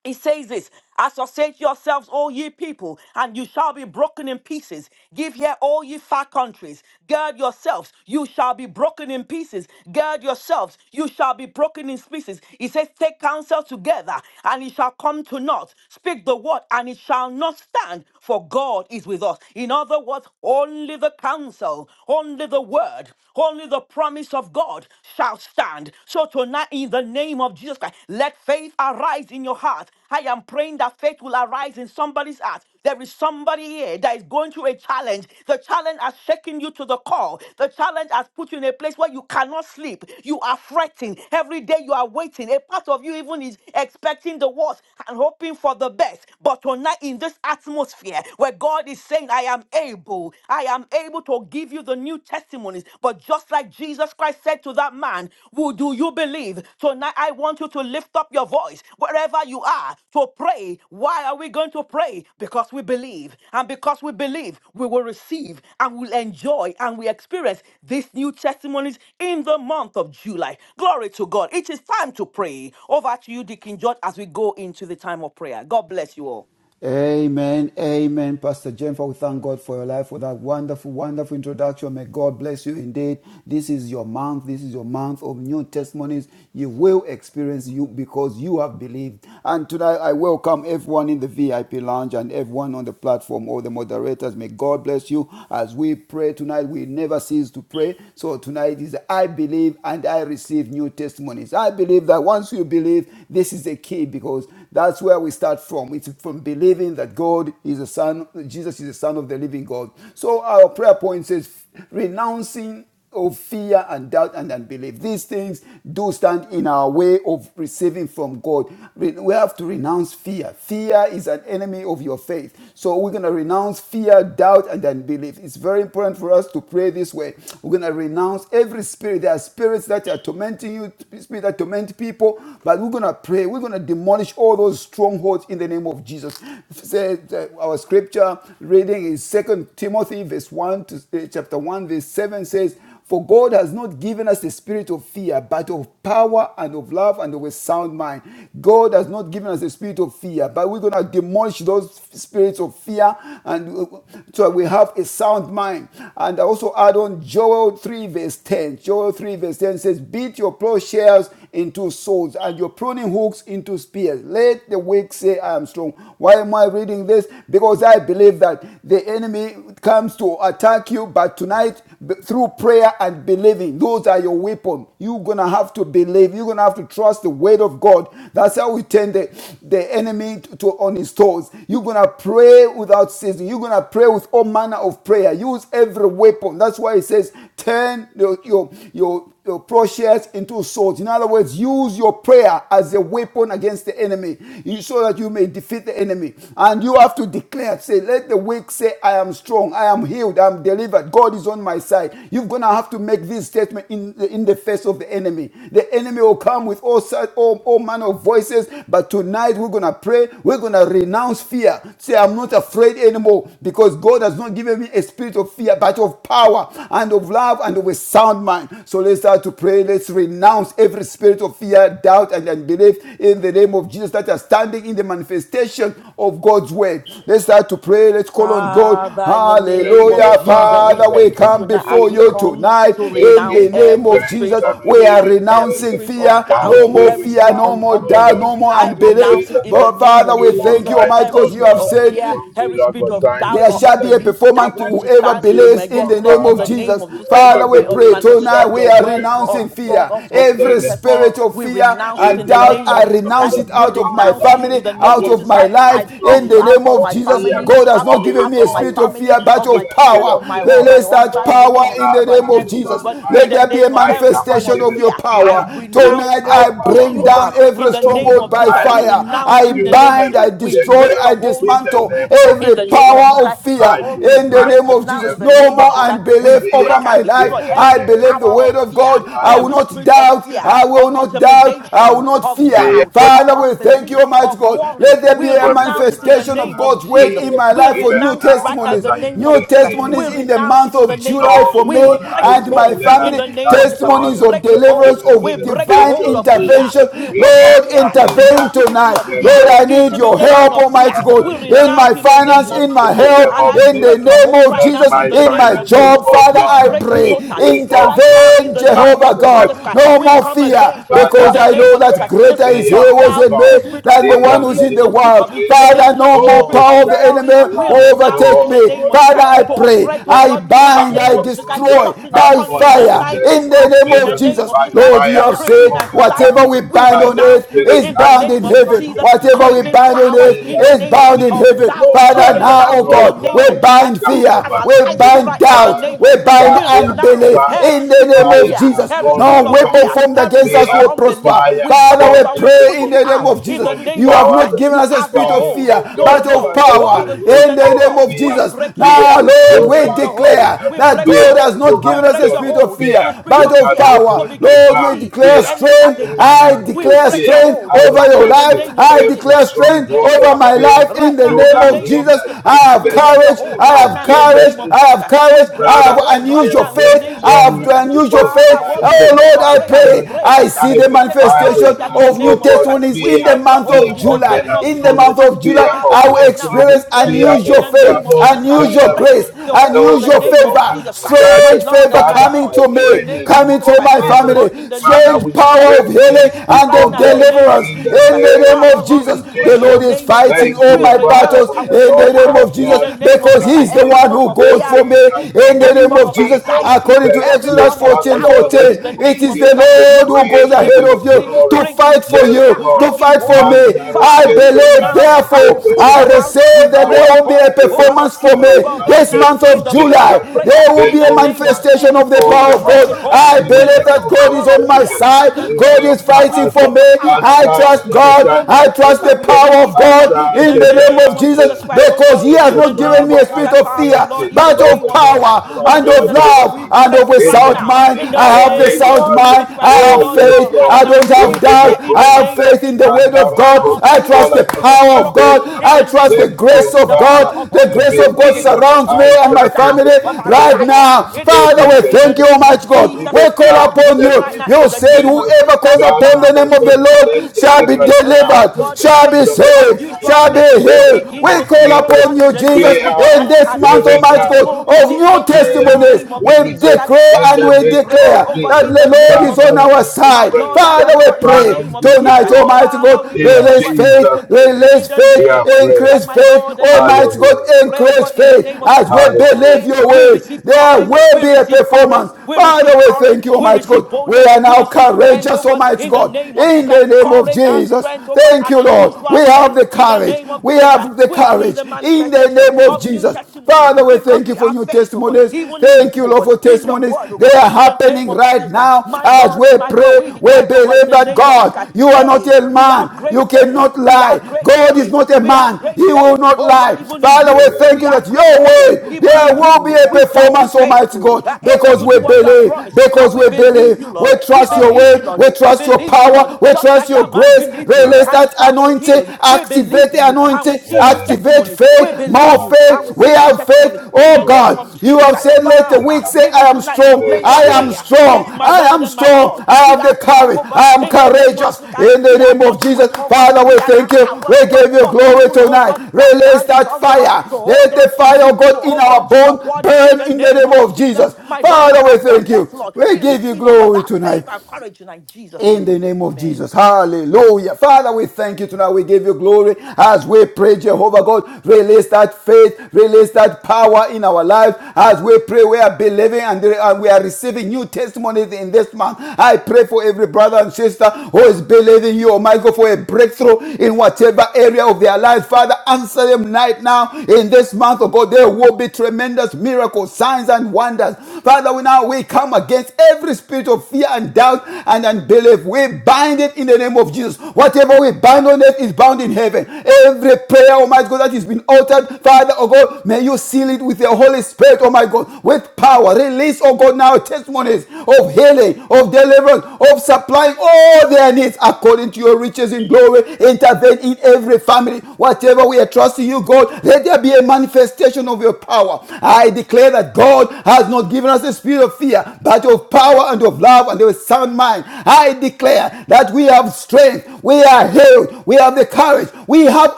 B: It says this, as forsake yourselves, all ye people, and you shall be broken in pieces. Give here all ye far countries. Gird yourselves, you shall be broken in pieces. Gird yourselves, you shall be broken in pieces. He says, take counsel together, and it shall come to naught. Speak the word, and it shall not stand, for God is with us. In other words, only the counsel, only the word, only the promise of God shall stand. So tonight, in the name of Jesus Christ, let faith arise in your heart. I am praying that faith will arise in somebody's heart. There is somebody here that is going through a challenge. The challenge has shaken you to the core. The challenge has put you in a place where you cannot sleep. You are fretting. Every day you are waiting. A part of you even is expecting the worst and hoping for the best. But tonight, in this atmosphere where God is saying, I am able, I am able able to give you the new testimonies. But just like Jesus Christ said to that man, Will do you believe? Tonight I want you to lift up your voice wherever you are to pray. Why are we going to pray? Because we believe. And because we believe, we will receive and we'll enjoy and we experience these new testimonies in the month of July. Glory to God. It is time to pray. Over to you, Deacon George, as we go into the time of prayer. God bless you all.
C: Amen. Amen. Pastor Jennifer, we thank God for your life, for that wonderful, wonderful introduction. May God bless you indeed. This is your month. This is your month of new testimonies. You will experience you because you have believed. And tonight, I welcome everyone in the VIP lounge and everyone on the platform, all the moderators. May God bless you as we pray tonight. We never cease to pray. So tonight is I believe and I receive new testimonies. I believe that once you believe, this is the key because that's where we start from. It's from believing that God is the Son, Jesus is the Son of the living God. So our prayer point says, renouncing of fear and doubt and unbelief. These things do stand in our way of receiving from God. We we have to renounce fear. Fear is an enemy of your faith. So we're going to renounce fear, doubt, and unbelief. It's very important for us to pray this way. We're going to renounce every spirit. There are spirits that are tormenting you, spirits that torment people people, but we're going to pray. We're going to demolish all those strongholds in the name of Jesus. Said uh, our scripture reading is Second Timothy verse 1 to uh, chapter 1 verse 7 says, for God has not given us a spirit of fear, but of power and of love and of a sound mind. God has not given us a spirit of fear, but we're going to demolish those spirits of fear and uh, so we have a sound mind. And I also add on Joel 3, verse 10. Joel 3, verse 10 says, Beat your plowshares into swords and your pruning hooks into spears. Let the weak say, I am strong. Why am I reading this? Because I believe that the enemy comes to attack you, but tonight, through prayer and believing, those are your weapon. You're going to have to believe. You're going to have to trust the word of God. That's how we turn the, the enemy to, to- on his toes. You're going to pray without ceasing. You're going to pray with all manner of prayer. Use every weapon. That's why it says, turn your, your, your your plowshares into swords. In other words, use your prayer as a weapon against the enemy so that you may defeat the enemy. And you have to declare, say, let the weak say, I am strong, I am healed, I am delivered, God is on my side. You're going to have to make this statement in the, in the face of the enemy. The enemy will come with all, sort- all, all manner of voices, but tonight we're going to pray. We're going to renounce fear. Say, I'm not afraid anymore because God has not given me a spirit of fear, but but of power and of love and of a sound mind. So let's start to pray. Let's renounce every spirit of fear, doubt, and unbelief in the name of Jesus that are standing in the manifestation of God's word. Let's start to pray. Let's call on God.
B: Father, in the name
D: Thank
B: of
D: you,
C: Hallelujah.
B: Jesus,
D: Father,
B: we
D: in
C: Father,
D: the
C: we
B: thank you
D: name of
C: come
B: tonight as
C: before
B: we
C: you
D: Jesus.
B: come
C: tonight
B: to
D: We
C: in
B: renounce
D: give
C: the
D: you
C: name
B: every
C: of
D: thanks
B: spirit
C: Jesus.
B: of
D: and we
C: We
D: give
C: are
B: fear,
D: you
B: every
D: praise.
C: renouncing
B: spirit of
C: fear.
B: doubt,
D: Father,
C: No
D: we
C: more
B: every
C: fear,
B: spirit
C: no
B: of
D: renounce,
C: more
D: oh
C: doubt,
D: God,
B: unbelief.
C: no
D: in
C: more
D: the
B: I
D: name of
B: renounce it
C: unbelief.
D: Jesus,
B: in the
C: But
B: name
D: that
C: Father,
B: of
C: we
D: you will
C: thank
B: Jesus.
C: you,
D: rise,
C: Almighty
B: Every
C: God.
D: oh
C: You
B: spirit
C: have
D: God,
B: of
D: and
B: fear,
C: said
D: perform
B: every spirit
D: miracles,
B: of
D: signs,
B: doubt
C: there
D: and
B: or
C: shall be
D: wonders.
C: a
B: unbelief
D: In
B: that
C: performance to
D: the
B: wants to
D: name of
C: whoever
B: stand in the ma-
C: believes
D: Jesus,
C: in
D: for
B: yes,
C: the
B: Lord,
C: name
B: in
C: of
B: the
D: Father,
B: name
C: Jesus.
B: of Jesus, in the
D: whoever
C: Father, we
B: way of the
C: pray
D: believes
B: manifestation
C: tonight
D: shall
B: of
C: we
B: your
D: be the
C: are
B: word of
C: renouncing
D: performance.
C: fear.
B: rob us of
D: In
B: new
D: the
C: Every
D: name
B: testimony.
C: spirit of
B: We
D: of
C: fear
B: renounce it
D: Jesus,
C: and
B: in the
D: that
C: doubt,
B: name
C: I
B: of Jesus
D: Lord,
B: Christ.
C: renounce it
B: We
C: out of my
B: renounce you in
C: family,
D: arise
B: the
D: as
B: name
C: out
B: of
D: we
C: of
B: Jesus
C: my
B: Christ.
D: find
B: I
D: the
C: life, in
B: push
D: strong
B: you
C: the
B: out
C: name
D: ground
B: of
C: of
D: of
B: my
C: Jesus.
D: fear.
B: family,
C: God has
B: out
C: not
D: For
B: of the
C: given
D: you,
B: heart
C: me a
B: of
D: O
B: my
C: spirit of
D: Lord, have
C: fear,
B: family,
C: but
D: not
B: of my
D: given
C: of
D: us spirit
B: children,
C: power.
B: of
D: of
B: my
D: fear,
B: home,
D: but of
B: my
C: Release that
B: husband, in
D: power,
B: the
C: power
B: name of
C: in
B: Jesus
D: love,
B: Christ,
C: the
B: my
C: name
D: and
C: of
D: a
B: nephew, oh
C: Jesus.
D: sound
B: God, in
C: Let
D: mind.
B: the
C: there be a
B: name of
D: I
B: every form
D: come
B: of
C: manifestation of
D: against
B: fear.
C: your
D: fear.
B: I
C: power.
D: You
B: renounce,
D: have
C: Tonight
D: no
B: I
C: I
D: power
B: push
C: bring
B: you
D: over
C: down
B: out
D: my
B: in
C: every
B: the
D: life.
B: name
C: stronghold
B: of Jesus
C: by
D: I
B: Christ. We
C: fire.
D: renounce
B: renounce
C: I
B: you in the
D: you.
B: name
D: I
B: of
C: bind,
B: Jesus.
C: I
B: We
D: reject
C: destroy,
B: break
D: you.
B: your
C: I
B: hold
D: In the
C: dismantle
D: name
C: every
D: of
B: in
C: every
B: the name of
D: Jesus,
B: Jesus
C: power
B: Christ,
C: of fear
B: your
D: I
B: hold, we
C: in the
B: break
C: name
B: it
D: dismantle
C: of
B: now in
C: Jesus.
B: the
D: every
C: No
B: name of
C: more
B: Jesus
D: power
B: Christ.
D: of
B: We
C: unbelief over
D: fear.
B: break
C: my
B: and
C: life.
D: In
B: destroy
D: the
C: I
B: every
C: believe the
D: name
B: power of
C: word of
B: fear,
C: God.
D: of
C: I will
B: every
D: Jesus,
C: not
B: spirit of
C: doubt.
B: fear,
C: I will
B: of
C: not doubt. I will
B: intimidation,
C: not
B: of
D: fear
C: fear.
B: doubt,
D: for the
B: of
C: Father, we thank
B: unbelief,
C: you, Almighty
B: of
C: God.
B: worrying.
C: Let there
B: We
C: be a
D: promises
B: renounce it in
D: and the
B: the
C: manifestation of
B: name
D: plan
B: of
D: of
C: God's word
D: faith
B: Jesus.
C: in my
B: We
C: life for
D: even
C: new
B: renounce it
D: now
B: right now in
D: as
C: testimonies.
B: the
D: I
B: name of
C: New
B: Jesus Christ.
D: pray.
B: We
C: testimonies in the
B: renounce
C: month
B: it in the
C: of
B: name of
C: July
B: Jesus.
C: for
D: Oh
B: We
C: me
D: Lord, I
B: break it
C: and my
B: hold
D: declare
B: in
C: family.
B: the name
D: that
B: of Jesus Christ. We
D: God
C: Testimonies
D: has
C: of
B: break it
D: not
B: hold.
C: deliverance,
D: given me
B: We
C: of
D: the
B: break the
C: divine
D: spirit
B: hold
D: of
B: of fear.
D: fear.
C: intervention.
B: We walk of
C: Lord,
B: fear,
D: Remember
B: the
D: me
C: intervene
D: now.
B: captivity
C: tonight.
B: of fear,
C: Lord, I
D: Therefore,
B: the
C: need your
D: miracles,
B: intimidation
D: signs,
C: help,
B: of
D: and
B: fear.
C: Almighty
B: We
D: wonders
C: God in
D: now.
B: renounce
C: my
B: in the
D: In
C: finance,
B: name
D: the
B: of
C: in
B: Jesus
C: my
B: Christ.
D: mighty
C: help,
D: name
B: And I
D: of
C: in the
B: break your
D: Jesus,
C: name
B: hold
C: of
B: right
D: let
B: now
C: Jesus,
B: in
D: my
B: the
C: in my
B: name of
D: finances,
B: Jesus.
C: job.
D: oh
C: Father,
B: We
D: God,
C: I
B: break you
C: pray,
D: be
B: totally
D: free, oh
B: right
D: God,
B: now in
C: intervene,
B: the
D: by
B: name
C: Jehovah
B: of
D: the works
B: Jesus
C: God.
B: Christ.
D: of
C: No
B: We
D: my
C: more
B: come
C: fear,
B: against you
D: Father,
B: in
C: because
B: the
C: I
D: I
B: name
C: know
B: of Jesus
C: that
D: pray,
B: Christ. The
C: greater is
B: spirit
C: He
D: fear
B: of
C: who
D: of
C: is
B: doubt,
C: in
B: the
D: God,
C: me
B: spirit of
C: than the
D: in
C: one
D: the
C: who's
B: unbelief,
C: in
D: name
C: the
B: the
D: of
B: spirit
C: world.
B: of
D: Jesus.
C: Father,
B: intimidation,
C: no
B: the
C: more
D: Oh,
B: spirit
C: power
B: of
C: of the
D: shine
B: worry.
D: your
C: enemy
B: We
D: light.
C: will
B: renounce it
C: overtake
B: in the
D: Oh,
C: me.
B: name
D: Lord
B: of Jesus
C: Father,
B: Christ.
C: I
D: God,
B: To
D: I
C: pray,
B: fret, oh
D: pray.
C: I
B: God, in the
C: bind,
D: Have
B: name
C: I
D: your
B: of Jesus. Jesus Christ,
D: own way
C: destroy
B: tossing and
C: by
B: turning
D: upon
B: in the
D: us
C: fire
D: in the
B: night, oh
C: in
D: name
B: God,
D: of
C: the
B: in
C: name
B: the
C: of
D: Jesus.
B: name
C: Jesus.
B: of
D: By
B: Jesus Christ,
C: Lord, you
D: fire,
B: the
C: have
D: I
C: said,
B: crippling
D: overcome.
C: whatever
B: anxiety,
C: we
B: we
C: bind
D: By
C: on
D: the
B: renounce
C: earth
B: you
D: Spirit,
C: is
B: in the
D: I
C: bound
B: name
C: in
B: of
C: heaven.
B: Jesus,
D: dismantle in the
C: Whatever we
B: crippling
D: name
C: bind
D: of
C: on
B: power
C: earth
B: in the
D: Jesus.
C: is
B: name of
C: bound
B: just
C: in
D: Thank
B: of
D: you,
C: heaven.
B: doubt,
D: oh
B: we
C: Father,
D: God, that
C: now, oh
B: renounce you in
D: no
B: the
C: God, we
B: name of
D: power
B: Jesus Christ,
C: bind
B: we
D: shall
C: fear, we
D: overcome
B: paralyze
D: me.
B: you
C: bind
B: right now in the
C: doubt,
B: name
C: we
B: of Jesus
D: Fire,
B: Christ,
C: bind
B: we
D: fire,
B: renounce
C: unbelief
D: fire
B: every
C: in the
B: spirit of
C: name of
D: fire
B: fear,
C: Jesus.
B: every
D: upon
C: No
B: spirit
D: the
B: of
C: weapon
B: fear,
D: power
C: formed
D: of
B: every
C: against
B: spirit
D: fear,
C: us
B: of
C: will
B: unbelief,
C: prosper.
D: fire
B: we
C: Father,
B: bind
D: upon
B: you
C: we
B: and we
D: every
C: pray in
B: push you
C: the name
B: out
D: condition,
C: of
B: in
C: Jesus.
B: the
D: demonic
B: name
C: You
B: of
C: have
B: Jesus
D: powers,
B: Christ,
C: not given
B: you
C: us a
B: have
C: spirit
B: no
C: of
D: fire,
B: hold,
D: oh
C: fear,
B: no
D: God,
C: but of
D: over
B: more
C: power
B: over
D: every
B: the
C: in
D: root
B: children
C: the
B: of
D: of
C: name
B: God.
C: of
D: fear.
B: We
C: Jesus.
B: break your
D: Fear,
C: Now,
B: hold. We
C: Lord,
D: you
C: we
B: break your
D: cannot
B: hold.
C: declare
D: have
B: We
C: that
B: break your
D: fear.
C: God has
B: hold.
C: not
D: You
B: We
D: have
C: given us a
B: break your
C: spirit
D: torment
C: of
B: hold.
D: fear.
B: The
C: fear,
B: spirit
D: You
B: of
C: but of
D: cannot
B: fear to
D: not
C: power.
B: begin
D: live
B: to
C: Lord,
D: back
C: we
B: see the
C: declare
D: fear.
B: enemy as
C: strength.
D: I
B: a giant.
C: I
D: renounce
B: We
D: to
C: declare
B: break
D: fear.
B: your
C: strength
B: hold
D: I
C: over
B: right
C: your
B: now in
D: reject
B: the
C: life.
D: you.
B: name of
C: I
B: Jesus
D: Every
C: declare
B: Christ.
C: strength
B: We
C: reign
B: did
D: stronghold
B: break
C: over
B: your
D: of
C: my
B: hold
D: fear,
C: life in
B: right
C: the
B: now
D: you
B: in the
C: name
D: are
C: of
B: name of
C: Jesus.
D: rendered
B: Jesus
C: I
B: Christ.
C: have
B: We
D: useless in
B: break
D: the
B: your
C: courage.
D: name
B: hold
C: I
B: right
D: of
C: have
B: now in the
C: courage.
B: name of
C: I
B: Jesus
D: Jesus.
C: have
B: Christ. We
C: courage. I
B: break
C: have
D: Father,
B: your hold right
D: I
C: unusual
D: am
B: now in the
D: made
C: faith.
B: name
C: I
B: of
C: have
B: Jesus
D: strong
B: Christ.
C: unusual
D: because
B: Father,
C: faith.
B: Lord,
D: Christ
B: in the
C: Oh
B: place
C: Lord,
B: of
D: was
C: I
B: prayer, we
D: brought
C: pray.
B: pray
D: to
B: right
C: I
B: right now.
C: see the
D: life.
B: We take
D: I
B: authority
C: manifestation
B: and in the
D: renounce,
C: of new
D: oh
B: name of Jesus
D: God,
B: Christ,
C: testimonies
B: we
D: fear,
C: in the
B: break your
C: month
D: fear
B: hold
C: of
B: in the
D: of the
B: name
C: July.
B: of
C: In the
B: Jesus
D: unknown,
C: month
B: Christ.
C: of
D: fear
C: July,
D: of
C: I
B: Father,
C: will
B: right now as
D: losses,
B: we
C: experience
B: pray
D: fear of
B: in
C: unusual
B: the name
C: faith,
B: of
D: trouble.
B: Jesus Christ, we
C: unusual
D: Father,
B: break
C: grace,
D: when I
B: the hold
D: know
B: in the
D: that
C: unusual
D: the
B: name of
D: Lord has
C: favor,
B: Jesus
D: my
B: Christ.
D: back,
B: My
C: strange
B: Lord
C: favor
B: and my
D: Father,
C: coming
B: God,
D: I
C: to
B: in the
D: pray in the
C: me,
B: name of
D: name
C: coming
B: Jesus
C: to
D: of
B: Christ.
C: my
B: Father,
D: Jesus.
B: Lord, in
C: family,
B: the name
D: Father,
C: strange
B: of
D: we
B: Jesus Christ.
C: power
D: pray
C: of
B: We
C: healing
B: destroy
D: mercy,
C: and
B: right
D: oh
C: of
B: now in the
D: God,
B: name of
C: deliverance
D: in the
B: Jesus
C: in
B: Christ.
C: the name of
B: Father,
D: name
C: of
B: Lord,
D: of
B: we
C: Jesus. The
B: pray in the
C: Lord
D: Jesus.
C: is
B: name of Jesus Christ.
C: fighting
D: Thank
C: all
B: We
D: you,
C: my
D: Father,
B: renounce
C: battles
D: for
B: and
D: the
B: we
C: in
D: Lord
C: the
B: push
C: name
B: out
C: of
D: our
B: in
C: Jesus
D: God
B: the name
D: is
B: of
C: because
B: Jesus
C: He
B: Christ
C: is the
D: mighty.
B: every
C: one
B: form
C: who
B: of
D: The
C: goes
B: fear
C: for me
D: great I
C: in
D: am
C: the
B: every
C: name
D: is
B: form
C: of
B: of
C: Jesus.
D: able.
B: anxiety,
C: According to
D: Thank
B: every
D: you,
C: Exodus
B: form of
D: Father
C: 14
B: doubt
D: Lord.
B: over
C: 14,
B: in the
D: We
C: it
B: name
C: is
B: of
D: give
C: the
B: Jesus,
D: you
C: Lord
B: not
C: who
B: even
C: goes
D: praise.
B: being
D: We
B: able
C: ahead
D: give
B: to
D: you
C: of
B: sleep,
C: you
D: glory.
C: to
B: bringing
C: fight for
D: Yes,
B: insomnia,
C: you,
D: Lord.
C: to
B: bringing
C: fight for
B: worries.
C: me.
D: Mandare
C: I
B: Father, we
D: kese
C: believe,
B: renounce
D: karamaso
B: and we
C: therefore,
B: push
D: tori
C: I
B: it
D: kaba.
B: out. We
C: receive that there
B: break
D: Our
B: it
C: will be a
B: hold
D: eyes,
B: over
D: our
B: the
C: performance for
B: people of
D: eyes
C: me
B: God
D: are
B: right
C: this
B: now
D: set
C: month
D: on
B: in
C: of
B: the place
C: July.
B: of
D: Jesus,
B: prayer
C: There will
D: the
B: in
C: be
B: the
C: a
B: name
D: author
B: of
C: manifestation
D: and
B: Jesus.
C: of the
B: We
D: over
C: power of
B: break
C: God.
B: it
D: author and
B: hold.
C: I
B: We
C: believe
D: finisher
B: break the
C: that
D: of
C: God
D: our
C: is
B: power of
C: on my
B: fear
D: faith.
C: side,
B: in the
C: God
B: name of
C: is
B: Jesus.
D: Remember
B: Christ. We
C: fighting
D: us
C: for
B: break
C: me.
B: the power
D: as
B: of
C: I
B: fear
C: trust God.
D: silent as
B: in the
D: the
C: God.
D: time
B: name of
D: as
C: I
B: Jesus.
C: trust
B: Christ.
C: the
B: We
D: this.
C: power
B: break it
C: of
D: I
C: God
B: tonight
D: try
B: in the
C: in
D: to
C: the
D: tell
C: name
B: name
C: of
D: my
B: of
C: Jesus
B: Jesus
D: face
B: Christ,
D: that
B: oh
C: because
B: God,
C: He has
B: in
D: the
B: the
C: not given
B: name
C: me
B: of
D: power
C: a
B: Jesus
C: spirit
D: and
B: Christ.
D: the
C: of fear,
B: Father, Lord,
D: mercy
B: in the
C: but
D: of
C: of
B: name
D: the
B: of Jesus
D: Lord
B: Christ,
C: power
D: our
B: my
C: and
B: Lord
C: of
D: God
B: and my God, we
C: love
D: remain.
C: and
B: break
C: of a
B: it
D: In
B: right
D: the
C: sound
B: now.
C: mind.
D: name
B: In the
D: of
C: I have the
B: name of
C: sound mind.
D: Jesus,
B: Jesus
C: I
B: Christ,
D: oh
C: have
B: Lord
D: yes,
C: faith.
B: God, right
C: I
D: Lord,
B: now,
C: don't
D: we
C: have
B: we
D: give
C: doubt.
D: you
B: declare in
C: I
B: the
C: have
D: praise.
B: name of
C: faith
B: Jesus
C: in the
B: Christ,
C: word
B: the
C: of
B: power
D: Mandareko
C: God.
B: of
C: I
B: fear,
C: trust
D: Sikola
C: the
B: it is
C: power of
D: Brakato
C: God.
B: broken. In
D: Rinaba.
C: I
B: the
C: trust
B: name
C: the
B: of
D: Thank
B: Jesus
C: grace
D: you,
B: Christ, the
C: of
B: power
D: Father.
B: of
C: God. The
D: I
C: grace
B: unbelief,
C: of God
B: it is
D: believe,
C: surrounds me
B: broken.
D: I
C: and my
B: Of
D: trust in
B: doubt,
C: family
D: the
B: of
D: hand of
C: right
D: the
B: anxiety,
C: now.
D: Almighty
B: it is
D: God to
C: Father, we
B: broken in the
C: thank you,
D: deliver
B: name
D: me,
B: of
C: Almighty God.
B: Jesus.
C: We
D: even
B: It
C: call
B: is
D: now in
C: upon
D: the
C: you.
B: broken right
D: name
B: now in
C: You
D: of
B: the
C: said,
B: name of
D: Jesus.
C: Whoever
B: Jesus Christ.
C: calls
D: God
C: upon
D: that
C: the
B: Father,
C: name
D: does
B: it
C: of
B: is
C: the
D: us
C: Lord
D: let
B: broken.
C: healed, shall
B: And
C: be
B: we
D: deliver us
B: declare,
D: down
B: oh
C: delivered,
D: from
B: God,
D: the
C: shall be
D: hand
B: faith,
D: of the
C: saved,
B: unusual
C: shall
D: Almighty
C: be
B: faith
D: in
B: to
D: the
C: healed.
D: name
B: begin
C: We
D: of
B: to
C: call
B: see, oh oh
D: Jesus.
C: upon
B: God, in
C: you,
B: the
C: Jesus,
B: name
D: Fear,
B: of Jesus
C: in
B: Christ,
C: this
B: has
D: we
B: us
C: month,
B: been
C: Almighty
D: renounce
C: God,
B: able,
C: of
D: you.
B: been
C: new
B: able in the
D: Fear,
C: testimonies.
B: name of
C: We
D: we
B: Jesus
D: reject
B: Christ.
C: declare
D: in
C: and
B: Father,
D: the
C: we
B: we
D: name
B: pray this,
D: of
B: oh
C: declare
B: God,
C: that
B: in
D: Jesus.
B: the
C: the
B: name
C: Lord is
B: of
D: Father,
C: on
B: Jesus
D: we
C: our
B: Christ.
D: give you
B: My
C: side.
B: Lord
D: praise.
B: and
C: Father,
B: my
C: we
B: God, in the
D: Father,
C: pray
D: we
B: name of
D: give you
B: Jesus
C: tonight,
B: Christ.
D: glory.
C: Almighty
B: Father, we
C: God,
B: pray,
D: In
B: oh
C: release
B: God, even
C: faith,
D: Jesus'
B: today, in
C: release
D: name,
B: the
D: we
C: faith,
D: are
B: name of Jesus Christ,
C: increase
D: praying.
B: my
C: faith,
B: Lord and my
C: Almighty
B: God,
C: God,
B: we
D: Hallelujah.
B: pray, oh
C: increase
B: God, in the
C: faith
B: name of
C: as we
B: for
C: believe
D: Hallelujah.
B: courage.
C: your
B: We
C: word.
B: receive
C: There
B: courage.
C: will
B: We
C: be a
B: receive courage.
C: performance.
B: We
C: Father,
B: receive
C: we thank
B: courage.
C: you,
B: We
C: Almighty
B: receive
C: God. We
B: boldness.
C: are
B: We
C: now
B: receive strength, oh
C: courageous,
B: God,
C: Almighty
B: in the
C: God. God.
B: name of Jesus
C: In
B: Christ.
C: the name of
B: Courage and
C: Jesus.
B: strength, oh God,
C: Thank
B: and
C: you, Lord. We
B: unusual
C: have
B: faith.
C: the
B: In the the
C: courage.
B: name of
C: We
B: Jesus Christ,
C: have the
B: we see
C: courage.
B: the
C: In the
B: manifestation
C: name of
B: of new
C: Jesus.
B: testimonies
C: Father, we
B: because
C: thank you
B: we
C: for
B: have
C: new
B: faith, oh God,
C: testimonies.
B: even in
C: Thank
B: you,
C: you,
B: oh
C: Lord,
B: God,
C: for
B: in your
C: testimonies.
B: word, oh
C: They
B: God,
C: are
B: in the
C: happening
B: name of
C: right
B: Jesus Christ,
C: now
B: my
C: as
B: Lord
C: we
B: and my God,
C: pray.
B: we
C: We
B: declare, oh God, in
C: believe
B: the
C: that
B: name of Jesus
C: God,
B: Christ,
C: you are not
B: faith,
C: a
B: we have
C: man.
B: great
C: You
B: faith,
C: cannot
B: we have
C: lie.
B: great
C: God is
B: faith,
C: not a
B: we have
C: man.
B: great
C: He will
B: faith
C: not
B: Oh God,
C: lie.
B: even in
C: Father, we
B: you,
C: thank
B: we
C: you
B: have
C: that your
B: great faith.
C: way,
B: Even in
C: there will be
B: you,
C: a
B: we judge you
C: performance, Almighty
B: faithful, are
C: God,
B: able
C: because
B: to do
C: we
B: what you have
C: believe,
B: promised. And
C: because
B: we
C: we
D: Amen.
C: believe.
B: believe you,
C: We
B: Lord. We
C: trust your
B: believe
D: I'm
B: you,
D: I'm
C: word. We
B: Lord.
C: we
D: just
B: We
C: trust your
D: go to you,
B: believe you, Lord.
C: power. We
B: Just
C: trust
B: like
C: your
B: that
D: I'm
B: man
C: grace.
D: going
B: believed
D: to
B: you,
C: Release
D: allow
B: and
C: that
B: his child was
C: anointing.
B: healed. We
C: Activate
B: believe
C: the
B: you, and we
C: anointing.
B: see
D: that
B: new
D: I want to
C: Activate
B: testimonies.
D: take
B: We
D: this
C: faith.
B: believe
C: More
D: man
B: you,
D: to
B: and
D: the
C: faith.
B: we
C: We
B: see new
D: release.
C: have faith.
B: testimonies. In
C: Oh
B: the name
C: God,
B: of
C: you
B: Jesus,
C: have
B: Christ.
C: said, let the
B: Father,
C: weak say,
B: even
C: I
B: even
C: am
B: tonight in the
C: strong.
B: place
D: Thank
C: I
B: of
D: you,
C: am
B: prayer.
D: Lord.
B: Yes,
C: strong.
B: my
C: I
B: Lord
C: am
B: and my
C: strong.
B: God,
C: I
B: we
C: have the
B: are strong,
C: courage.
B: oh God,
C: I am
B: in the name of
C: courageous.
B: Jesus.
C: In
B: We
C: the
B: are
C: name
B: not
C: of
B: weak,
C: Jesus.
B: oh God.
C: Father, we
B: We are
C: thank
B: not
C: you.
B: cowards,
C: We
B: oh God,
C: give you
B: for
C: glory
B: people, oh
C: tonight.
B: God, that
C: Release
B: stand
C: that
B: strong, oh God,
C: fire.
B: to hold
C: Let the
B: on to
C: fire
B: you,
C: of
B: to
C: God in
B: hold on
C: our
B: to your
C: bones
B: word in
C: burn
B: the
C: in the
B: name
C: name
B: of
C: of
B: Jesus,
C: Jesus.
B: my Lord and
C: Father,
B: my
C: we
B: God.
C: thank you.
B: Yes, Lord,
C: We
B: we
C: give you
B: receive, oh God,
C: glory
B: that faith
C: tonight
B: and courage tonight, in Jesus'
C: in the
B: name.
C: name of
B: Amen.
C: Jesus. Hallelujah. Father, we thank you tonight. We give you glory as we pray, Jehovah God. Release that faith, release that power in our life. As we pray, we are believing and we are receiving new testimonies in this month. I pray for every brother and sister who is believing you, Almighty God, for a breakthrough in whatever area of their life. Father, answer them right now in this month, oh God. There will be tremendous miracles, signs, and wonders. Father, we now we come against every spirit of fear and doubt and unbelief. We bind it in the name of Jesus. Whatever we bind on earth is bound in heaven. Every prayer, oh my God, that has been altered, Father, oh God, may you seal it with the Holy Spirit, oh my God, with power. Release, oh God, now testimonies of healing, of deliverance, of supplying all their needs according to your riches in glory. Intervene in every family. Whatever we are trusting you, God, let there be a manifestation of your power. I declare that God has not given given us the spirit of fear, but of power and of love and of a sound mind. I declare that we have strength, we are healed, we have the courage, we have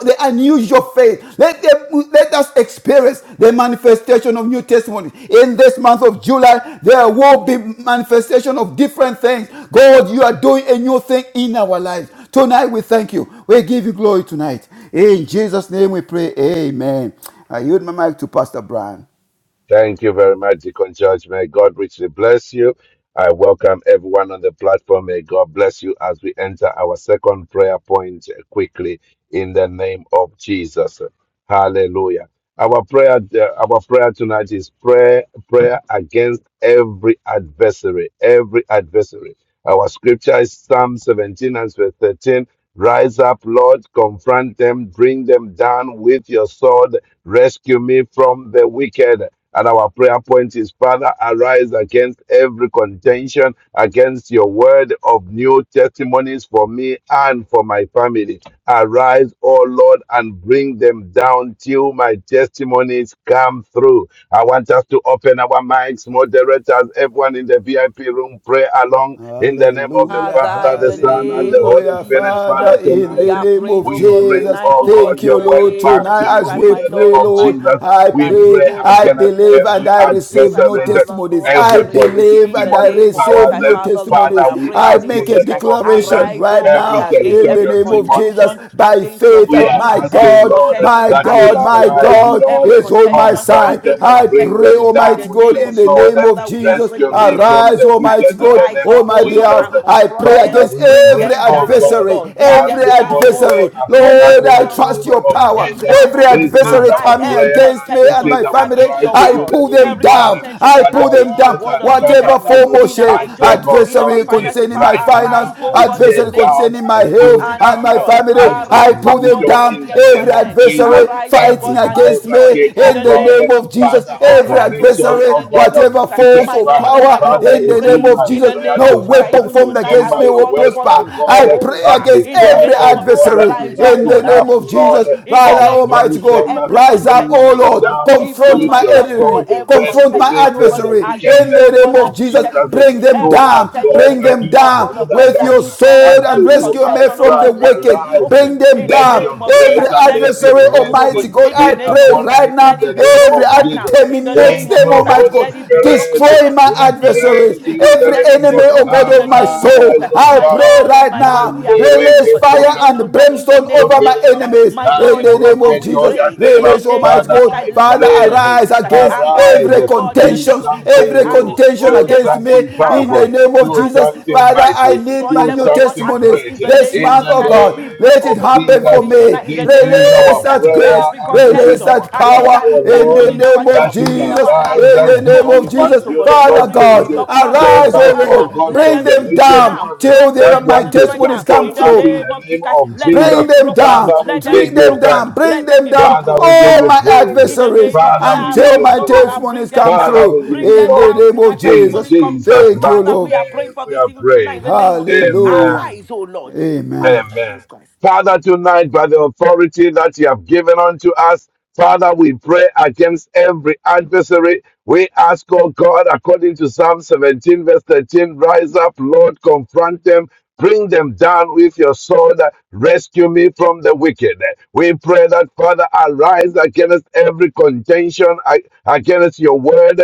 C: the unusual faith. Let, them, let us experience the manifestation of new testimony. In this month of July, there will be manifestation of different things. God, you are doing a new thing in our lives. Tonight we thank you. We give you glory tonight. In Jesus' name we pray. Amen. I yield my mic to Pastor Brian.
D: Thank you very much, Deacon George. May God richly bless you. I welcome everyone on the platform. May God bless you as we enter our second prayer point quickly in the name of Jesus. Hallelujah. Our prayer, uh, our prayer tonight is prayer, prayer against every adversary, every adversary. Our scripture is Psalm 17 and verse 13. Rise up, Lord, confront them, bring them down with your sword, rescue me from the wicked. And our prayer point is, Father, arise against every contention, against your word of new testimonies for me and for my family. Arise, O Lord, and bring them down till my testimonies come through. I want us to open our our mics, moderators, everyone in the VIP room, pray along in the name of the
C: Hallelujah,
B: Father,
D: Father,
B: in
D: the
B: the
D: Son, and the
B: name of
D: Holy
C: hallelujah,
D: Spirit.
B: Jesus
D: Father,
B: Christ,
C: Father, in
B: we
D: tonight
C: the
B: are
C: name
B: praying,
C: of
B: oh
D: we
B: God,
D: bring,
C: Jesus.
B: tonight,
D: oh
B: oh God,
C: Thank
D: God,
B: in
D: your
C: you,
B: the
D: word
C: Lord.
B: name
D: back
B: of
D: to
B: Jesus
C: Tonight, as
D: you
B: Christ,
D: in
C: we
B: my
D: the name
B: Lord
C: pray,
B: and
D: of
B: my
C: Lord,
D: Jesus.
B: God.
C: I
D: We
B: That you,
C: pray,
D: pray
B: oh
C: I
B: God,
D: against
B: in the
C: believe, and
D: every
B: name
C: I
B: of Jesus
C: receive
B: Christ,
C: new
D: adversary, that
B: Father,
C: testimonies.
B: Lord, I
C: I
D: every
B: pray.
D: polluting
C: believe
B: In the
C: and I
D: demonic
B: name of Jesus
C: receive
D: powers.
B: Christ,
D: that,
C: new
B: Father, Lord, we
C: testimonies.
D: Father,
B: are
D: we
B: praying
C: I
B: in
D: ask
B: the name of
D: in
C: make a
B: Jesus
D: the name
B: Christ.
D: of Jesus,
C: declaration
B: Arise,
C: right
B: oh God,
D: every
C: now
B: against
C: in the
B: every
D: territorial
C: name of
D: demon
C: Jesus
B: contention,
C: by
B: against your
C: faith
D: we
C: that
D: are
B: promise,
C: my
B: every
D: asking,
C: God,
D: Lord,
B: contention,
C: my
D: that you'll
C: God,
B: against your
C: my
D: arise,
B: word,
C: God
B: every
D: Lord,
C: is on my
B: contention,
C: side
D: confront
C: tonight.
B: against
D: them
B: our
D: and
C: I
D: bring
C: pray,
B: testimony.
D: them
B: In
D: down
B: the
C: Almighty
D: with
C: God,
B: name
D: your
B: of
C: in the
B: Jesus Christ,
D: sword.
C: name of
B: Father, we are
C: Jesus,
B: praying
D: Rescue
B: in the
D: me
B: name name
D: from
B: of
C: arise,
D: the
B: Jesus Christ.
C: Almighty
D: wicked in
C: God,
D: the
B: Rise
D: name
C: on
B: up,
D: of
C: my
B: oh Lord,
C: behalf.
D: Jesus.
B: and
C: I pray
B: confront them.
D: Father,
C: against
D: we
B: Bring
D: pray,
C: every
B: them
D: oh
B: down, oh
D: God,
C: adversary,
B: God. Bring
D: have
C: every
B: them
D: your
B: down,
D: own
B: oh
D: way
C: adversary.
B: God. Bring
D: upon us
B: them
C: Lord,
D: in
C: I
D: the
B: down, oh
C: trust
D: name
C: your
B: God.
D: of
B: Bring
C: power.
B: them
D: Jesus.
B: down,
C: Every
B: oh God.
D: This is
C: adversary
B: Arise
D: our
C: coming
B: every
D: prayer
C: against
D: and
C: me
D: this
C: and
B: contention
D: is
C: my
D: our
C: family,
B: against
D: cry
B: your
D: to
C: I
D: you,
B: word,
D: the
C: pull them
D: living
B: every
D: God,
C: down.
B: contention
C: I
D: that
C: pull them
B: against your
C: down.
D: arise
B: word of
D: and
B: New
C: Whatever
D: better
B: Testament
C: form
D: than
C: or
B: in
C: shape,
B: our
D: I take
B: job, in our
C: adversary
D: authority
B: finances.
C: concerning
B: Father,
C: my
D: right
C: finance,
D: now.
B: arise, oh
D: I
B: God, in the
D: tear
C: adversary
B: name of
D: down,
C: concerning
D: I
C: my
D: pull
C: health
B: and
C: and my
D: down.
B: destroy.
C: family,
D: I
C: family. I
B: Arise,
C: pull
B: O
C: them
B: God,
D: dismantle
B: and
C: down.
D: in
B: bring
D: the
B: them to an
C: Every
D: name of
B: end.
D: Jesus
C: adversary
B: Arise, O
C: fighting
D: every
B: God, and
C: against me
B: destroy.
D: hierarchy,
B: In
D: oh
C: in
B: the
C: the
D: God,
C: name
B: name of
C: of Jesus.
B: Jesus,
D: Father of
C: Every
B: arise, O God,
D: formation,
B: in
C: adversary,
D: oh
B: the
D: God
B: name of
D: of the
B: Jesus.
C: whatever
B: Christ.
D: wicked
C: force
B: My
C: of
D: one.
B: Lord and my
C: power
B: God,
D: Father,
B: we
C: in the
D: it is
C: name
B: pray
C: of
D: my
B: in the
C: Jesus,
D: prayer
B: name
C: no
B: of Jesus,
D: tonight
C: weapon
B: even
D: as we
C: formed
B: tonight
C: against
B: as
D: remember
C: me
B: we
D: your
C: will
B: call
D: word,
B: upon
C: prosper.
D: oh
B: you,
C: I
D: God,
C: pray
D: as
B: Jehovah.
C: against
D: we
B: In the
D: cry,
C: every
D: oh
B: name of Jesus,
D: God,
C: adversary
B: arise, O
C: in
D: rise
C: the
B: God, and
C: name
D: up,
C: of
D: Lord,
B: destroy.
C: Jesus.
B: In the
C: Father
B: name of
C: Almighty
D: confront
B: Jesus,
D: them,
C: God,
B: every
C: rise up,
D: bring
C: O
B: contention,
D: them
B: O God,
C: Lord,
D: down
B: even on
C: confront
D: with
B: my
C: my
D: your
B: behalf, O
C: enemy,
B: God,
D: sword,
B: every contention
C: confront
D: rescue
C: my
D: me
B: contention, oh
D: from
B: God,
D: the
C: adversary
D: wicked in
C: in
B: against,
D: the
B: oh
C: the
D: name
C: name
B: God,
D: of
B: that
C: of
B: new
C: Jesus.
D: Jesus.
C: Bring
B: testimony,
C: bring them
D: You
B: every
D: are
C: down,
B: contention
D: God
C: bring
D: and
B: against,
C: them
D: you
B: oh
D: are
B: God
C: down
D: God
B: of God,
C: with
B: that
C: your
D: alone.
B: new song,
C: sword
D: Unto
C: and
B: every
D: you
C: rescue
D: I
C: me
B: contention, oh
C: from
B: God,
D: cry,
C: the
B: let it be
C: wicked.
D: arise.
B: broken
C: Bring them
B: in the
D: Let your
B: name
C: down.
B: of Jesus.
C: Every
D: grace
B: Christ.
D: and
B: Let it
D: let
B: be
D: your
C: adversary,
B: broken, oh
C: Almighty
B: God,
D: mercy
C: God,
B: in the
D: be
C: I
B: name
C: pray
B: of Jesus.
D: upon
B: Christ.
C: right
D: me
C: now,
D: in
B: Let
D: the
B: it be
D: name
C: every
D: of
B: broken right
C: ad-
B: now,
D: Jesus.
B: in the
C: terminate
B: name
D: Thank
B: of
C: them,
D: you,
B: Jesus. Christ.
C: Almighty
D: Holy
C: God.
B: Let it be broken
D: Spirit.
B: right
C: Destroy
B: now,
C: my
B: in the
D: We
B: name of
C: adversaries,
D: pray to
B: Jesus. Christ.
D: you, the
C: every
B: Let it
D: living
B: be
C: enemy,
D: God.
C: oh
B: broken
C: God,
B: in
C: of
B: the
C: my
B: name of
C: soul.
B: Jesus.
D: Arise,
B: Christ.
D: O
C: I
B: My
D: God.
C: pray
B: Lord and
C: right
B: my God, we
C: now,
B: are
D: Mandere
B: praying, oh
C: release
B: God,
D: keso
C: fire
B: even
C: and
B: tonight
D: kalambro
B: in the
C: brimstone
D: keso
B: name
C: over
B: of
C: my
B: Jesus
D: kereba.
B: Christ.
C: enemies
B: My
C: in
D: Ame
B: Lord
C: the
B: and my
D: bro
C: name
B: God,
C: of
B: we
D: kecho
C: Jesus.
B: pray
D: yandere.
B: in the
C: Release,
B: name
C: Almighty
B: of
D: Father,
B: Jesus
C: God,
B: Christ.
D: I
C: Father,
B: Lord, in the name
D: pray.
B: of
C: arise
B: Jesus Christ,
C: against
B: arise,
D: Arise,
C: every
B: oh God, in the
D: do
B: name
C: contentions,
B: of Jesus Christ,
D: something
C: every
B: and
D: new,
C: contention
B: destroy
D: do
B: them
C: against
B: at
C: me
B: once.
D: something
C: in the
D: powerful,
B: Arise, oh
C: name
B: God,
C: of
D: do
B: and
C: Jesus.
D: something
B: destroy
C: Father,
B: them.
C: I
D: mighty,
C: need
B: Destroy
C: my
D: do
B: them,
C: new
B: oh God,
D: something
B: at once
C: testimonies
B: in
D: great.
B: the
C: this
B: name
D: In
B: of
C: month,
D: the
B: Jesus
C: oh
B: Christ. We
C: God.
D: name
B: pray,
C: Let
B: oh
C: it
D: of
B: God, even
C: happen
B: for
C: for
D: Jesus,
B: this
C: me.
B: tonight in the
D: this is
B: name of
C: Release
D: our
B: Jesus Christ.
C: that grace,
D: prayer
B: Every
D: and this is
C: release
B: contention
D: our
C: that
D: cry,
B: against that
C: power
B: new
D: oh
C: in
D: Lord,
C: the
B: testimony in our
C: name of
D: that
B: job,
D: you will
B: in
C: Jesus.
B: our
D: arise
C: In
B: career,
C: the
D: and do
C: name
B: to
D: only
C: of
D: what
C: Jesus,
B: resist, oh
D: you,
B: God,
D: the
B: to
C: Father
D: Lord,
C: God,
D: can
B: resist
D: do.
B: your promise.
D: Save
C: arise,
D: us,
C: oh
B: Father,
D: oh
C: Lord,
D: God,
B: let
D: from
C: bring
B: them be
D: the
C: them
B: destroyed
D: wicked
B: now.
C: down
D: one
C: till
B: Father,
C: they,
D: that
B: let them
C: my
B: be
D: want to
B: destroyed
C: testimonies
B: now.
D: jump
C: come
B: In
D: on
B: the
D: us
C: through.
D: in
B: name of
D: the
B: Jesus
D: name
B: Christ,
D: of
B: let
D: Jesus.
B: them
C: Bring
B: be
C: them
B: broken.
D: Father,
C: down,
D: we
B: Let them be
D: give
C: treat
D: you
C: them
B: broken.
C: down,
D: thanks.
C: bring
B: Let them
C: them
B: be
C: down,
D: Father,
B: broken.
D: we give
C: all
D: you
C: my
B: Father, in
D: praise.
B: the
C: adversaries,
B: name of Jesus,
D: Father, we
B: Christ,
D: give
C: until
D: you
B: arise,
C: my
B: oh God,
D: glory.
B: and bring
C: testimonies
B: them
C: come
D: Father,
B: down.
C: through.
D: we give
B: Bring
D: you
C: In
B: them
C: the
D: glory.
B: down
C: name
B: till my
C: of
D: In
B: testimonies
C: Jesus.
B: come true.
D: Jesus'
C: Thank you,
B: Father,
D: mighty
B: we
C: Lord.
B: are
D: name,
B: praying for
D: we
B: this
D: are
B: even tonight in
D: prayed.
B: the name of Jesus. Christ.
D: Amen.
C: Hallelujah.
B: Arise, oh Lord, in the name of
C: Amen.
D: Amen.
B: Jesus Christ.
D: Father, tonight, by the authority that you have given unto us, Father, we pray against every adversary. We ask, oh God, according to Psalm 17, verse 13, rise up, Lord, confront them. Bring them down with your sword. Rescue me from the wicked. We pray that, Father, arise against every contention, a- against your word